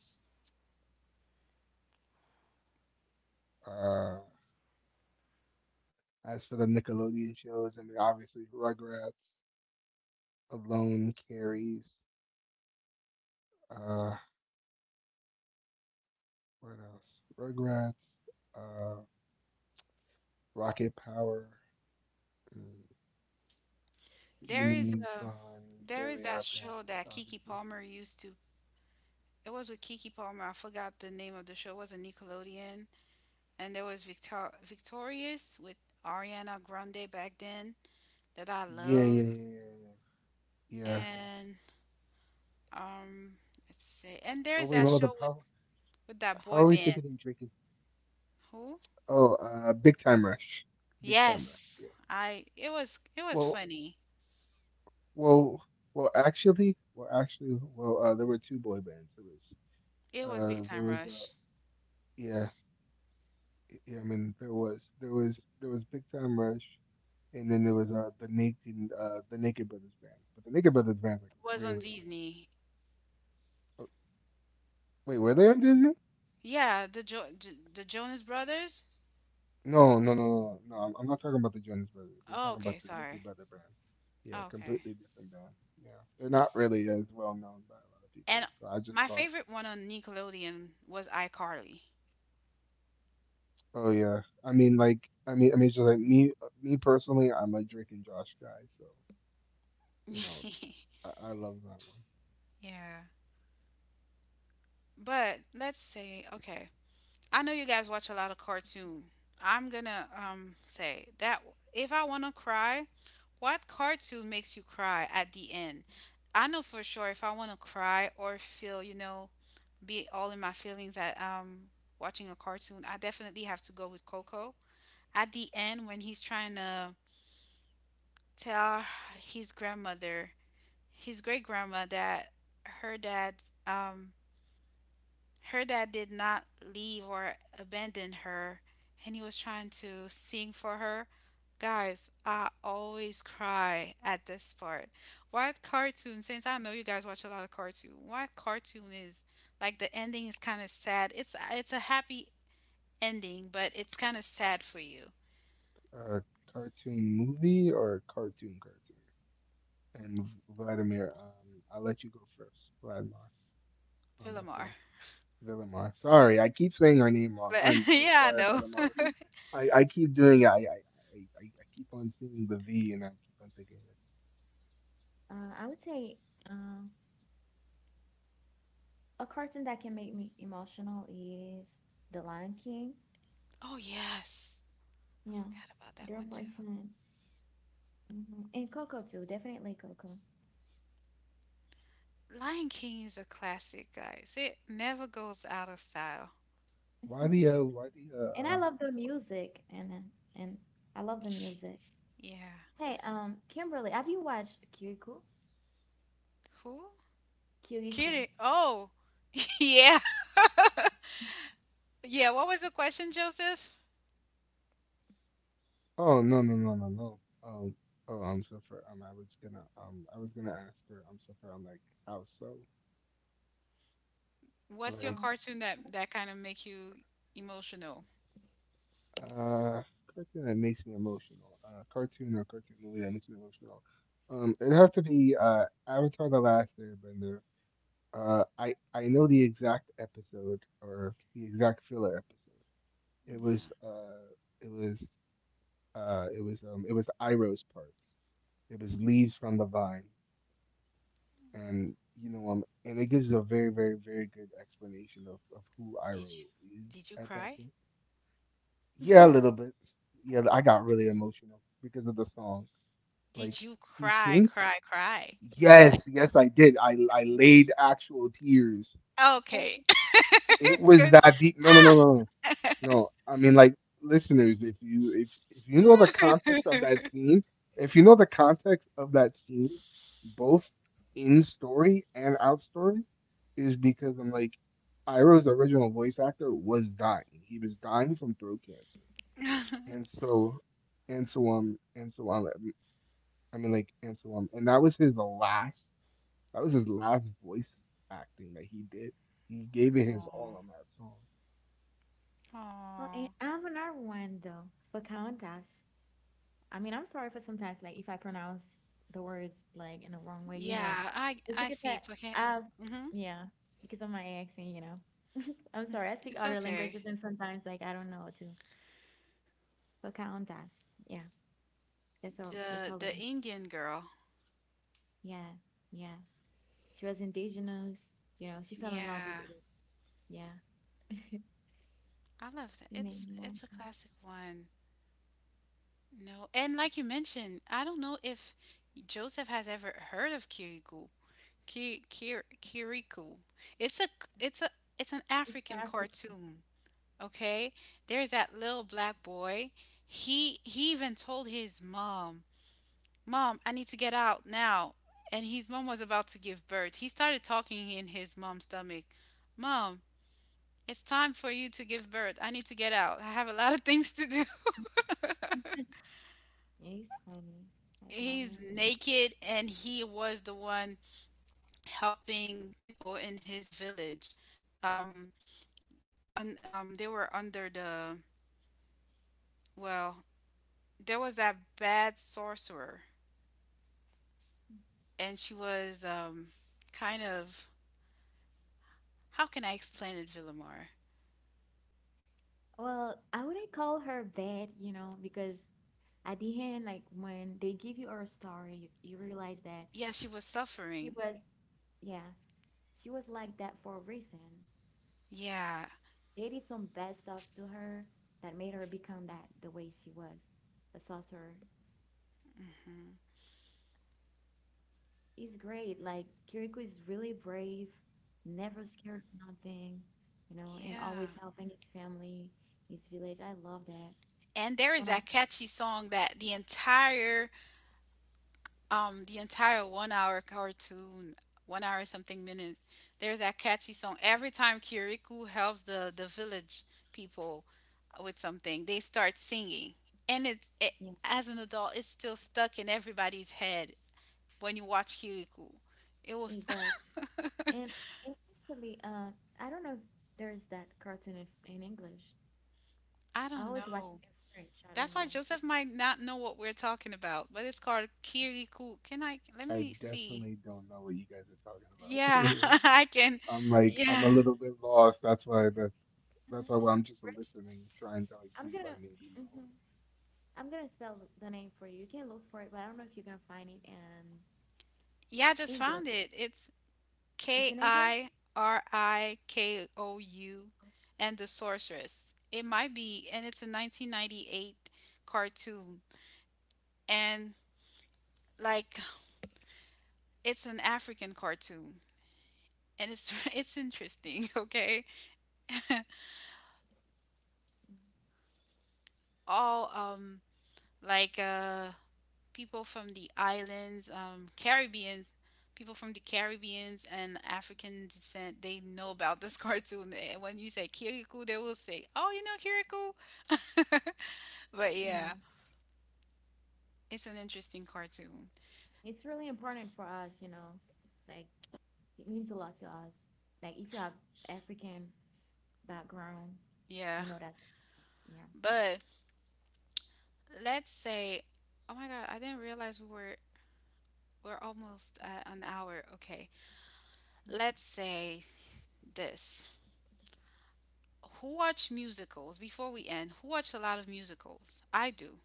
[SPEAKER 2] Uh, as for the Nickelodeon shows, I mean, obviously Rugrats, Alone carries. Uh, what else? Rugrats, uh, Rocket Power, mm, Jimmy
[SPEAKER 1] there is a
[SPEAKER 2] Neutron,
[SPEAKER 1] there
[SPEAKER 2] Fairly
[SPEAKER 1] is
[SPEAKER 2] Odd
[SPEAKER 1] that show
[SPEAKER 2] Parents,
[SPEAKER 1] that Kiki
[SPEAKER 2] obviously.
[SPEAKER 1] Palmer used to. It was with Kiki Palmer. I forgot the name of the show. It was a Nickelodeon, and there was Victor- Victorious with Ariana Grande back then that I
[SPEAKER 2] Yeah, yeah,
[SPEAKER 1] love,
[SPEAKER 2] yeah, yeah, yeah, yeah.
[SPEAKER 1] and um, let's see, and
[SPEAKER 2] Oh
[SPEAKER 1] there's
[SPEAKER 2] wait,
[SPEAKER 1] that
[SPEAKER 2] what was the
[SPEAKER 1] show with
[SPEAKER 2] power?
[SPEAKER 1] with that
[SPEAKER 2] How are
[SPEAKER 1] boy
[SPEAKER 2] we
[SPEAKER 1] band.
[SPEAKER 2] forgetting Drake? and-
[SPEAKER 1] Who?
[SPEAKER 2] Oh, uh, Big Time Rush. Big Time Rush.
[SPEAKER 1] Yes,
[SPEAKER 2] Yeah.
[SPEAKER 1] I. It was it was
[SPEAKER 2] Well,
[SPEAKER 1] funny.
[SPEAKER 2] Well, well, actually, well, actually, well, uh, there were two boy bands. There was,
[SPEAKER 1] It was Big
[SPEAKER 2] uh, there
[SPEAKER 1] Time
[SPEAKER 2] was, uh,
[SPEAKER 1] Rush.
[SPEAKER 2] yeah, y- yeah. I mean, there was, there was, There was Big Time Rush, and then there was uh, the Naked, uh, the Naked Brothers band. But the Naked Brothers band, like,
[SPEAKER 1] It was on
[SPEAKER 2] really old.
[SPEAKER 1] Disney.
[SPEAKER 2] Uh, Wait, were they on Disney?
[SPEAKER 1] Yeah, the jo- J- the Jonas Brothers.
[SPEAKER 2] No, no, no, no, no. I'm, I'm not talking about the Jonas Brothers. I'm
[SPEAKER 1] Oh,
[SPEAKER 2] talking about
[SPEAKER 1] okay,
[SPEAKER 2] the Naked
[SPEAKER 1] sorry.
[SPEAKER 2] Brother band. Yeah,
[SPEAKER 1] Oh, okay.
[SPEAKER 2] completely different band. Yeah, they're not really as well known by a lot of people.
[SPEAKER 1] And
[SPEAKER 2] So I just
[SPEAKER 1] my
[SPEAKER 2] thought.
[SPEAKER 1] favorite one on Nickelodeon was iCarly.
[SPEAKER 2] Oh yeah. I mean like I mean I mean so like me uh, me personally, I'm a Drake and Josh guy, so you know, I, I love that one.
[SPEAKER 1] yeah. But let's see. Okay. I know you guys watch a lot of cartoon. I'm gonna um say that if I wanna cry, what cartoon makes you cry at the end? I know for sure if I wanna cry or feel, you know, be all in my feelings at um watching a cartoon, I definitely have to go with Coco. At the end when he's trying to tell his grandmother, his great grandma that her dad um her dad did not leave or abandon her, and he was trying to sing for her. Guys, I always cry at this part. What cartoon, since I know you guys watch a lot of cartoon, what cartoon is, like, the ending is kind of sad? It's it's a happy ending but it's kind of sad for you.
[SPEAKER 2] Uh Cartoon movie or cartoon cartoon? And V- Vladimir, um I'll let you go first, Vladimir, on this
[SPEAKER 1] Villamar.
[SPEAKER 2] one. Villamar. Sorry, I keep saying her name wrong.
[SPEAKER 1] But
[SPEAKER 2] I'm so
[SPEAKER 1] yeah, I
[SPEAKER 2] sorry,
[SPEAKER 1] know.
[SPEAKER 2] Villamar.
[SPEAKER 3] So.
[SPEAKER 2] I, I keep doing it. I, I I I I keep on seeing the V and I keep on thinking it's
[SPEAKER 3] Uh, I would say um, a cartoon that can make me emotional is The Lion King.
[SPEAKER 1] Oh yes, I
[SPEAKER 3] Yeah,
[SPEAKER 1] forgot about that
[SPEAKER 3] zero
[SPEAKER 1] one too.
[SPEAKER 3] percent. Mhm. And Coco too, definitely Coco.
[SPEAKER 1] Lion King is a classic, guys. It never goes out of style.
[SPEAKER 2] Why do you why do you
[SPEAKER 3] And I
[SPEAKER 2] um
[SPEAKER 3] love the music, and and I love the music.
[SPEAKER 1] Yeah.
[SPEAKER 3] Hey, um, Kimberly, have you watched Kyuriku?
[SPEAKER 1] Who?
[SPEAKER 3] Kyuriku.
[SPEAKER 1] Kitty. Oh, yeah. Yeah, what was the question, Joseph?
[SPEAKER 2] Oh no no no no no. Um oh, I'm so for um I was gonna um I was gonna ask her, um so for um like how so,
[SPEAKER 1] What's your
[SPEAKER 2] like
[SPEAKER 3] Um,
[SPEAKER 1] cartoon that that kind of make you emotional?
[SPEAKER 2] uh cartoon that makes me emotional, uh cartoon or cartoon movie that makes me emotional. Um it'd have to be uh Avatar: The Last Airbender. Uh I I know the exact episode, or the exact filler episode. It was
[SPEAKER 1] Yeah.
[SPEAKER 2] uh it was uh it was um it was Iroh's parts. It was Leaves from the Vine.
[SPEAKER 1] Mm.
[SPEAKER 2] And you know um and it gives you a very very very good explanation of of who
[SPEAKER 1] Did you
[SPEAKER 2] Iroh is
[SPEAKER 1] did you
[SPEAKER 2] at that
[SPEAKER 1] cry?
[SPEAKER 2] point. Yeah, a little bit. Yeah, I got really emotional because of the song.
[SPEAKER 1] Did
[SPEAKER 2] Like,
[SPEAKER 1] you
[SPEAKER 2] he
[SPEAKER 1] cry,
[SPEAKER 2] sings.
[SPEAKER 1] cry, cry?
[SPEAKER 2] Yes, yes, I did. I I laid actual tears.
[SPEAKER 1] Okay.
[SPEAKER 2] It was that deep. No, no, no, no, no. No, I mean, like, listeners, if you if if you know the context of that scene, if you know the context of that scene, both in story and out story, is because I'm like Iroh's original voice actor was dying. He was dying from throat cancer.
[SPEAKER 1] Aw.
[SPEAKER 2] And so and so um and so um I mean, like, and so um and that was his last, that was his last voice acting that he did. He gave it his all on that song.
[SPEAKER 3] well, and
[SPEAKER 1] Aw.
[SPEAKER 3] I have another one though, Pocahontas. I mean, I'm sorry for sometimes, like, if I pronounce the words like in the wrong way, you know,
[SPEAKER 1] Yeah, I
[SPEAKER 3] it's
[SPEAKER 1] I
[SPEAKER 3] because
[SPEAKER 1] see.
[SPEAKER 3] that
[SPEAKER 1] Okay.
[SPEAKER 3] I've,
[SPEAKER 1] Mhm.
[SPEAKER 3] yeah, because of my accent, you know. I'm sorry, I speak
[SPEAKER 1] It's
[SPEAKER 3] other
[SPEAKER 1] okay.
[SPEAKER 3] languages and sometimes, like, I don't know how to. Pocahontas, yeah, that's what we
[SPEAKER 1] The
[SPEAKER 3] call it.
[SPEAKER 1] the Indian girl.
[SPEAKER 3] Yeah, yeah. She was indigenous, you know, she fell in love with,
[SPEAKER 1] Yeah.
[SPEAKER 3] with yeah.
[SPEAKER 1] I love that.
[SPEAKER 3] It made
[SPEAKER 1] It's
[SPEAKER 3] me
[SPEAKER 1] it's
[SPEAKER 3] laugh.
[SPEAKER 1] a classic one. No, and like you mentioned, I don't know if Joseph has ever heard of Kirikou. Ki, Kir, Kirikou. It's a it's a it's an
[SPEAKER 3] It's not
[SPEAKER 1] African
[SPEAKER 3] African.
[SPEAKER 1] cartoon. Okay, there's that little black boy. He he even told his mom, "Mom, I need to get out now." And his mom was about to give birth. He started talking in his mom's stomach. Mom, it's time for you to give birth. I need to get out. I have a lot of things to do.
[SPEAKER 3] It's funny. I love
[SPEAKER 1] He's
[SPEAKER 3] her.
[SPEAKER 1] naked, and he was the one helping people in his village. Um, un, um, they were under the, well, there was that bad sorcerer, and she was um, kind of, how can I explain it, Villamar?
[SPEAKER 3] Well, I wouldn't call her bad, you know, because at the end, like when they give you her story, you, you realize that
[SPEAKER 1] Yeah, she was
[SPEAKER 3] she,
[SPEAKER 1] suffering.
[SPEAKER 3] she was, yeah, she was like that for a reason.
[SPEAKER 1] Yeah.
[SPEAKER 3] They did some bad stuff to her that made her become that the way she was. A sorcerer
[SPEAKER 1] Mm-hmm.
[SPEAKER 3] is great. Like Kiriko is really brave, never scared of nothing, you know, and
[SPEAKER 1] Yeah.
[SPEAKER 3] always helping his family, his village. I love that.
[SPEAKER 1] And there
[SPEAKER 3] It's
[SPEAKER 1] is
[SPEAKER 3] one of
[SPEAKER 1] that catchy song that the entire um the entire one hour cartoon, one hour something minutes. There's that catchy song. Every time Kirikou helps the the village people with something, they start singing, and it, it
[SPEAKER 3] yeah,
[SPEAKER 1] as an adult, it's still stuck in everybody's head when you watch Kirikou. It
[SPEAKER 3] he
[SPEAKER 1] was
[SPEAKER 3] does. And, and actually, uh, I don't know if there's that cartoon in, in English.
[SPEAKER 1] I
[SPEAKER 3] I
[SPEAKER 1] don't
[SPEAKER 3] always watch
[SPEAKER 1] know.
[SPEAKER 3] it in French. I don't
[SPEAKER 1] That's why
[SPEAKER 3] know.
[SPEAKER 1] Joseph might not know what we're talking about, but it's called Kirikou. Can I let
[SPEAKER 2] I
[SPEAKER 1] me see?
[SPEAKER 2] definitely don't know what you guys are talking about.
[SPEAKER 1] Yeah, I can.
[SPEAKER 2] I'm like, I'm a
[SPEAKER 1] Yeah.
[SPEAKER 2] little bit lost. That's why that's that's
[SPEAKER 3] Mhm.
[SPEAKER 2] why well, I'm just
[SPEAKER 3] French, right?
[SPEAKER 2] listening, trying to, like, see
[SPEAKER 3] I'm
[SPEAKER 2] if I
[SPEAKER 3] gonna
[SPEAKER 2] maybe know.
[SPEAKER 3] mhm. I'm gonna spell the name for you. You can look for it, but I don't know if you're gonna find it in
[SPEAKER 1] Yeah, I just found
[SPEAKER 3] English.
[SPEAKER 1] it. It's
[SPEAKER 3] It's
[SPEAKER 1] K
[SPEAKER 3] in English?
[SPEAKER 1] I R I K O U
[SPEAKER 3] Oh,
[SPEAKER 1] and the Sorceress. It might be, and it's a nineteen ninety-eight cartoon, and like it's an African cartoon, and it's it's interesting. Okay, all um like uh people from the islands, um Caribbeans, people from the Caribbeans and African descent, they know about this cartoon. And when you say Kirikou, they will say, "Oh, you know Kirikou." but yeah.
[SPEAKER 3] yeah.
[SPEAKER 1] It's an interesting cartoon.
[SPEAKER 3] It's really important for us, you know. Like it means a lot to us. Like if you have African background,
[SPEAKER 1] Yeah.
[SPEAKER 3] you know that's yeah.
[SPEAKER 1] But let's say, oh my God, I didn't realize we were we're almost at an hour. Okay.
[SPEAKER 3] Yeah.
[SPEAKER 1] Let's say this. Who watch musicals? Before we end, who watch a lot of musicals? I do.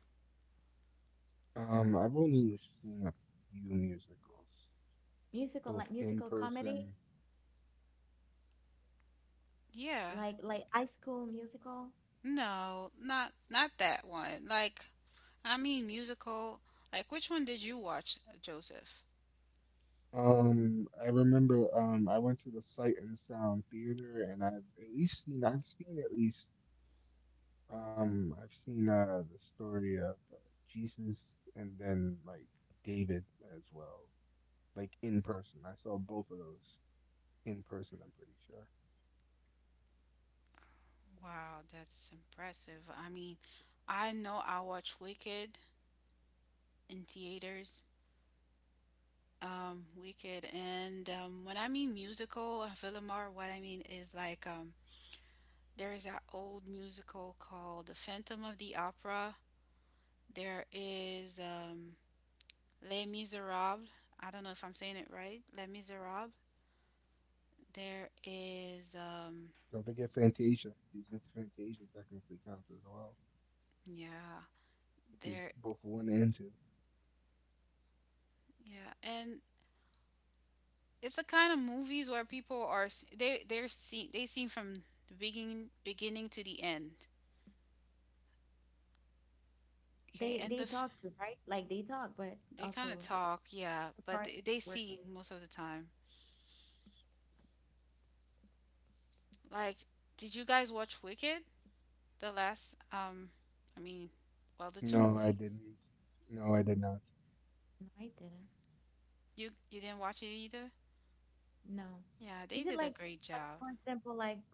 [SPEAKER 2] Um, I've only seen a few musicals,
[SPEAKER 3] Musical
[SPEAKER 2] both
[SPEAKER 3] like
[SPEAKER 2] in
[SPEAKER 3] musical comedy,
[SPEAKER 2] person.
[SPEAKER 1] Yeah.
[SPEAKER 3] like like high school musical.
[SPEAKER 1] No, not not that one. Like, I mean musical. Like, which one did you watch, Joseph?
[SPEAKER 2] Um, I remember um I went to the Sight and Sound Theater, and I've at least seen I've seen at least um I've seen uh the story of uh, Jesus, and then, like, David as well, like, in person. I saw both of those in person, I'm pretty sure.
[SPEAKER 1] Wow, that's impressive. I mean, I know I watched Wicked in theaters. Um, Wicked. And um, when I mean musical, uh, Villamar, what I mean is like um, there's that old musical called The Phantom of the Opera. There is um, Les Miserables. I don't know if I'm saying it right. Les Miserables. There is, um,
[SPEAKER 2] Don't forget Fantasia. Disney's Fantasia technically counts as well.
[SPEAKER 1] yeah,
[SPEAKER 2] These
[SPEAKER 1] there,
[SPEAKER 2] both one and two.
[SPEAKER 1] yeah, and it's the kind of movies where people are s- they they're seen they seen from the beginning beginning to the end. Okay,
[SPEAKER 3] They
[SPEAKER 1] and the
[SPEAKER 3] they
[SPEAKER 1] f-
[SPEAKER 3] talk too, right? Like they talk, but
[SPEAKER 1] They kind of
[SPEAKER 3] also
[SPEAKER 1] talk, yeah,
[SPEAKER 3] the
[SPEAKER 1] but
[SPEAKER 3] parts
[SPEAKER 1] they, they
[SPEAKER 3] where
[SPEAKER 1] see
[SPEAKER 3] they
[SPEAKER 1] most of the time. Like, did you guys watch Wicked? The last, um, I mean, well, the two
[SPEAKER 2] No, I
[SPEAKER 1] movies.
[SPEAKER 2] didn't. No, I did not.
[SPEAKER 3] no, I didn't.
[SPEAKER 1] You you didn't watch it either?
[SPEAKER 3] No.
[SPEAKER 1] Yeah, they
[SPEAKER 3] Is
[SPEAKER 1] did
[SPEAKER 3] it
[SPEAKER 1] a
[SPEAKER 3] like
[SPEAKER 1] great
[SPEAKER 3] like
[SPEAKER 1] job.
[SPEAKER 3] for example like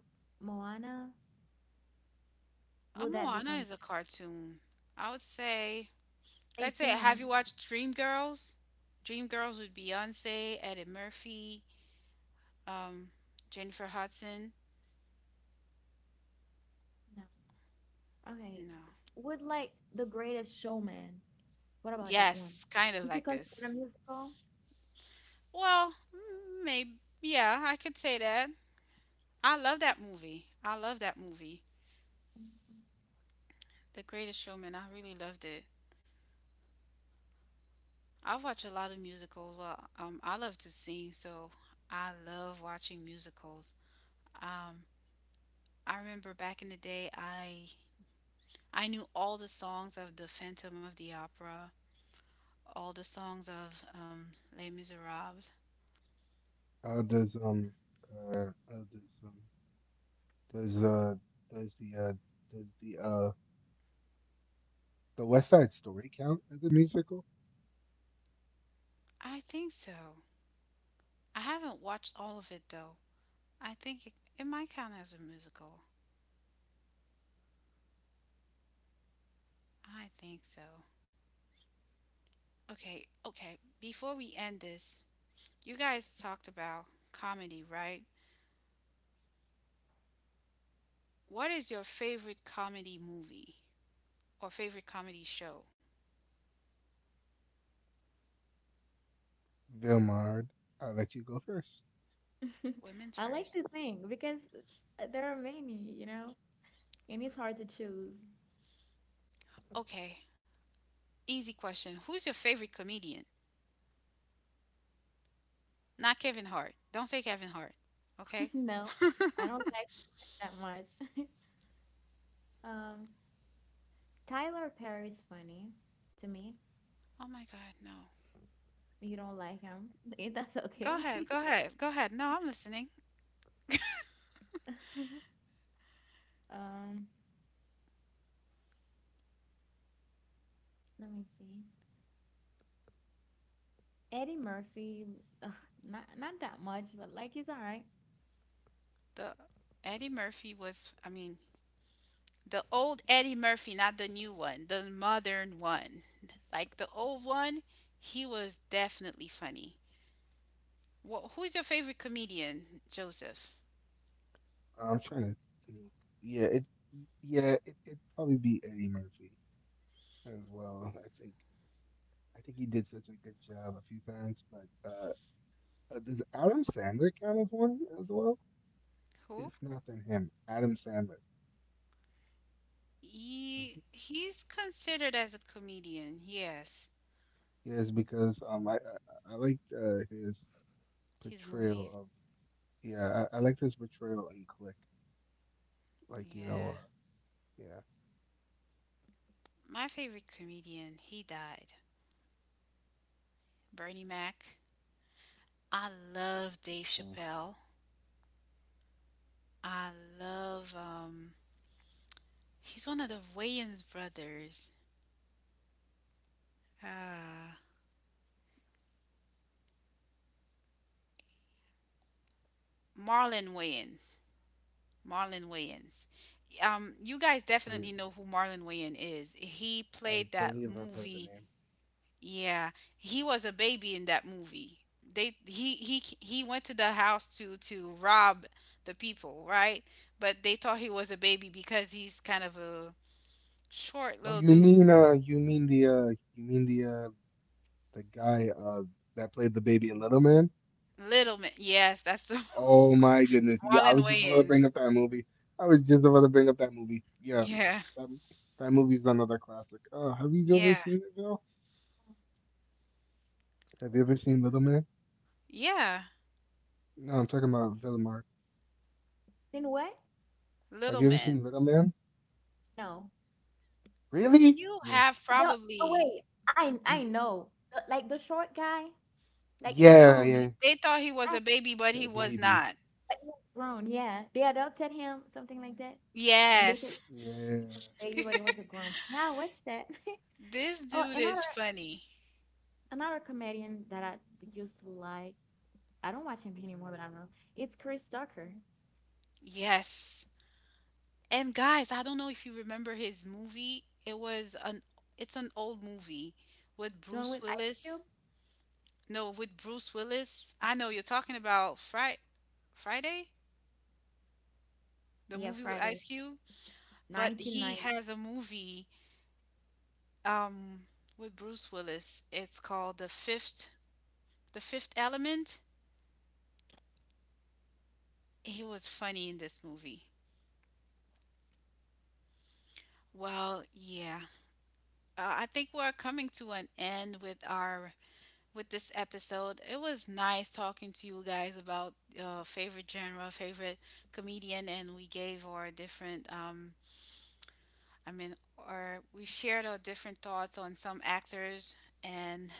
[SPEAKER 3] Moana?
[SPEAKER 1] Uh,
[SPEAKER 3] Will that be
[SPEAKER 1] Moana is
[SPEAKER 3] con
[SPEAKER 1] a cartoon. I would say,
[SPEAKER 3] they
[SPEAKER 1] let's say,
[SPEAKER 3] sing in
[SPEAKER 1] have
[SPEAKER 3] it?
[SPEAKER 1] you watched Dreamgirls? Dreamgirls with Beyonce, Eddie Murphy, um, Jennifer Hudson.
[SPEAKER 3] No. Okay.
[SPEAKER 1] No.
[SPEAKER 3] Would like The Greatest Showman? What about that one?
[SPEAKER 1] Yes, kind of
[SPEAKER 3] Is it
[SPEAKER 1] like this.
[SPEAKER 3] considered a musical?
[SPEAKER 1] Well, mm, maybe. Yeah, I could say that. I love that movie. I love that movie.
[SPEAKER 3] Mhm.
[SPEAKER 1] The Greatest Showman. I really loved it. I watch a lot of musicals. Well, um, I love to sing, so I love watching musicals. Um, I remember back in the day, I I knew all the songs of The Phantom of the Opera, all the songs of um, Les Miserables.
[SPEAKER 2] Uh, does um uh, uh does um does uh does the uh does the uh the West Side Story count as a musical?
[SPEAKER 1] I think so. I haven't watched all of it though. I think it, it might count as a musical. I think so. Okay, okay. Before we end this, you guys talked about comedy, right? What is your favorite comedy movie or favorite comedy show?
[SPEAKER 2] Vilmard, I'll let you go first.
[SPEAKER 1] Women
[SPEAKER 3] I like
[SPEAKER 1] first.
[SPEAKER 3] to think because uh, there are many, you know, and it's hard to choose.
[SPEAKER 1] Okay, easy question. Who's your favorite comedian? Not Kevin Hart. Don't say Kevin Hart, okay?
[SPEAKER 3] No, I don't like that much. Um, Tyler Perry's funny to me.
[SPEAKER 1] Oh my God, no.
[SPEAKER 3] You don't like him. That's
[SPEAKER 1] Go
[SPEAKER 3] okay.
[SPEAKER 1] ahead, go ahead, go ahead. No, I'm listening.
[SPEAKER 3] Um, let me see. Eddie Murphy, ugh, not not that much, but like he's all right.
[SPEAKER 1] The Eddie Murphy was, I mean, the old Eddie Murphy, not the new one, the modern one. Like the old one, he was definitely funny. Well, who is your favorite comedian, Joseph?
[SPEAKER 2] I'm trying to think. Yeah, it yeah it it'd probably be Eddie Murphy as well. I think I think he did such a good job a few times, but uh, Uh, does Adam Sandler count as one as well?
[SPEAKER 1] Who?
[SPEAKER 2] If not, then him, Adam Sandler. Does
[SPEAKER 1] He
[SPEAKER 2] he?
[SPEAKER 1] he's considered as a comedian. Yes,
[SPEAKER 2] Yes, because um, I I, I liked uh, his
[SPEAKER 1] his
[SPEAKER 2] portrayal
[SPEAKER 1] movies.
[SPEAKER 2] of, yeah, I, I liked his portrayal in Click. Like, you
[SPEAKER 1] Yeah,
[SPEAKER 2] know, uh, yeah.
[SPEAKER 1] my favorite comedian. He died. Bernie Mac. I love Dave
[SPEAKER 2] Oof.
[SPEAKER 1] Chappelle. I love um. He's one of the Wayans brothers. Uh, Marlon Wayans. Marlon Wayans. Um, you guys
[SPEAKER 2] I
[SPEAKER 1] definitely know who Marlon Wayans is. He
[SPEAKER 2] I
[SPEAKER 1] played that
[SPEAKER 2] believe I've heard the
[SPEAKER 1] movie.
[SPEAKER 2] name.
[SPEAKER 1] Yeah, he was a baby in that movie. They he he he went to the house to to rob the people, right? But they thought he was a baby because he's kind of a short
[SPEAKER 2] Oh,
[SPEAKER 1] little
[SPEAKER 2] you
[SPEAKER 1] dude.
[SPEAKER 2] mean uh, you mean the uh, you mean the uh, the guy uh that played the baby in Little Man?
[SPEAKER 1] Little man. Yes, that's the
[SPEAKER 2] Oh my goodness. Yeah, I
[SPEAKER 1] Marlon
[SPEAKER 2] was just about to bring
[SPEAKER 1] Wayans.
[SPEAKER 2] up that movie. I was just about to bring up that movie. Yeah.
[SPEAKER 1] Yeah.
[SPEAKER 2] That, that movie's another classic. Uh, have you ever
[SPEAKER 1] Yeah.
[SPEAKER 2] seen it, Bill? Have you ever seen Little Man?
[SPEAKER 1] Yeah.
[SPEAKER 2] No, I'm talking about Villamar.
[SPEAKER 3] Then what?
[SPEAKER 2] Have
[SPEAKER 1] Little
[SPEAKER 2] you ever
[SPEAKER 1] man.
[SPEAKER 2] seen Little Man?
[SPEAKER 3] No.
[SPEAKER 2] Really?
[SPEAKER 1] You
[SPEAKER 2] You're,
[SPEAKER 1] have
[SPEAKER 3] The, oh
[SPEAKER 1] probably
[SPEAKER 3] wait, I I
[SPEAKER 2] you,
[SPEAKER 3] know. The- like the short guy, like he's
[SPEAKER 2] yeah,
[SPEAKER 3] grown, but
[SPEAKER 2] yeah.
[SPEAKER 3] he-
[SPEAKER 1] they thought he was
[SPEAKER 3] I
[SPEAKER 1] a baby, but
[SPEAKER 2] Uh,
[SPEAKER 1] he was
[SPEAKER 2] Baby.
[SPEAKER 1] not.
[SPEAKER 3] but he's grown. Yeah, they adopted him, something like that, and they thought
[SPEAKER 1] Yes.
[SPEAKER 2] Yeah.
[SPEAKER 3] he was a baby, but he was a grown. Yeah, I watched that.
[SPEAKER 1] This
[SPEAKER 3] Oh,
[SPEAKER 1] dude
[SPEAKER 3] another
[SPEAKER 1] is funny.
[SPEAKER 3] another comedian that I used to like. I don't watch him anymore, but I don't know. It's Chris Tucker,
[SPEAKER 1] Yes. And guys, I don't know if you remember his movie. It was an it's an old movie with
[SPEAKER 3] the one
[SPEAKER 1] Bruce
[SPEAKER 3] with Ice
[SPEAKER 1] Willis.
[SPEAKER 3] Cube.
[SPEAKER 1] No, with Bruce Willis. I know you're talking about Fri Friday, the
[SPEAKER 3] Yeah,
[SPEAKER 1] movie with
[SPEAKER 3] Friday.
[SPEAKER 1] Ice Cube, but he
[SPEAKER 3] nineteen ninety.
[SPEAKER 1] has a movie um with Bruce Willis. It's called The Fifth The Fifth Element. He was funny in this movie. Well, yeah. Uh, I think we're coming to an end with our with this episode. It was nice talking to you guys about uh, favorite genre, favorite comedian, and we gave our different, um, I mean, or we shared our different thoughts on some actors, and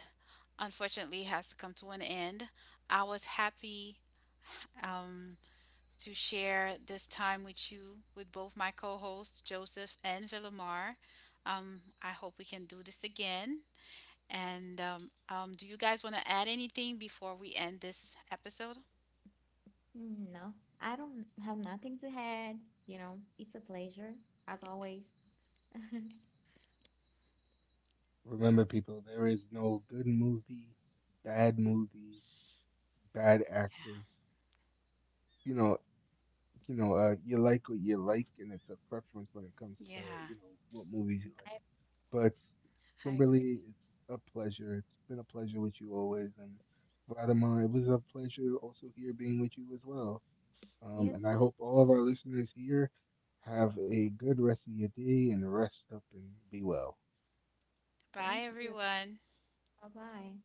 [SPEAKER 1] unfortunately, it has to come to an end. I was happy um, to share this time with you, with both my co hosts, Joseph and Villamar. Um, I hope we can do this again. And um, um, do you guys want to add anything before we end this episode?
[SPEAKER 3] Mm, no, I don't have nothing to add. You know, it's a pleasure as always. I
[SPEAKER 2] Remember, people, there is no good movie, bad movie, bad actor. You know, you know, uh, you like what you like, and it's a preference when it comes to,
[SPEAKER 1] Yeah,
[SPEAKER 2] you know, what movies you like. But
[SPEAKER 1] I agree.
[SPEAKER 2] Kimberly, it's a pleasure. It's been a pleasure with you always, and Vladimir, it was a pleasure also here being with you as well. Um,
[SPEAKER 3] you
[SPEAKER 2] and I
[SPEAKER 3] too.
[SPEAKER 2] hope all of our listeners here have a good rest of your day and rest up and be well.
[SPEAKER 1] Bye,
[SPEAKER 3] Thank you.
[SPEAKER 1] everyone.
[SPEAKER 3] Bye bye.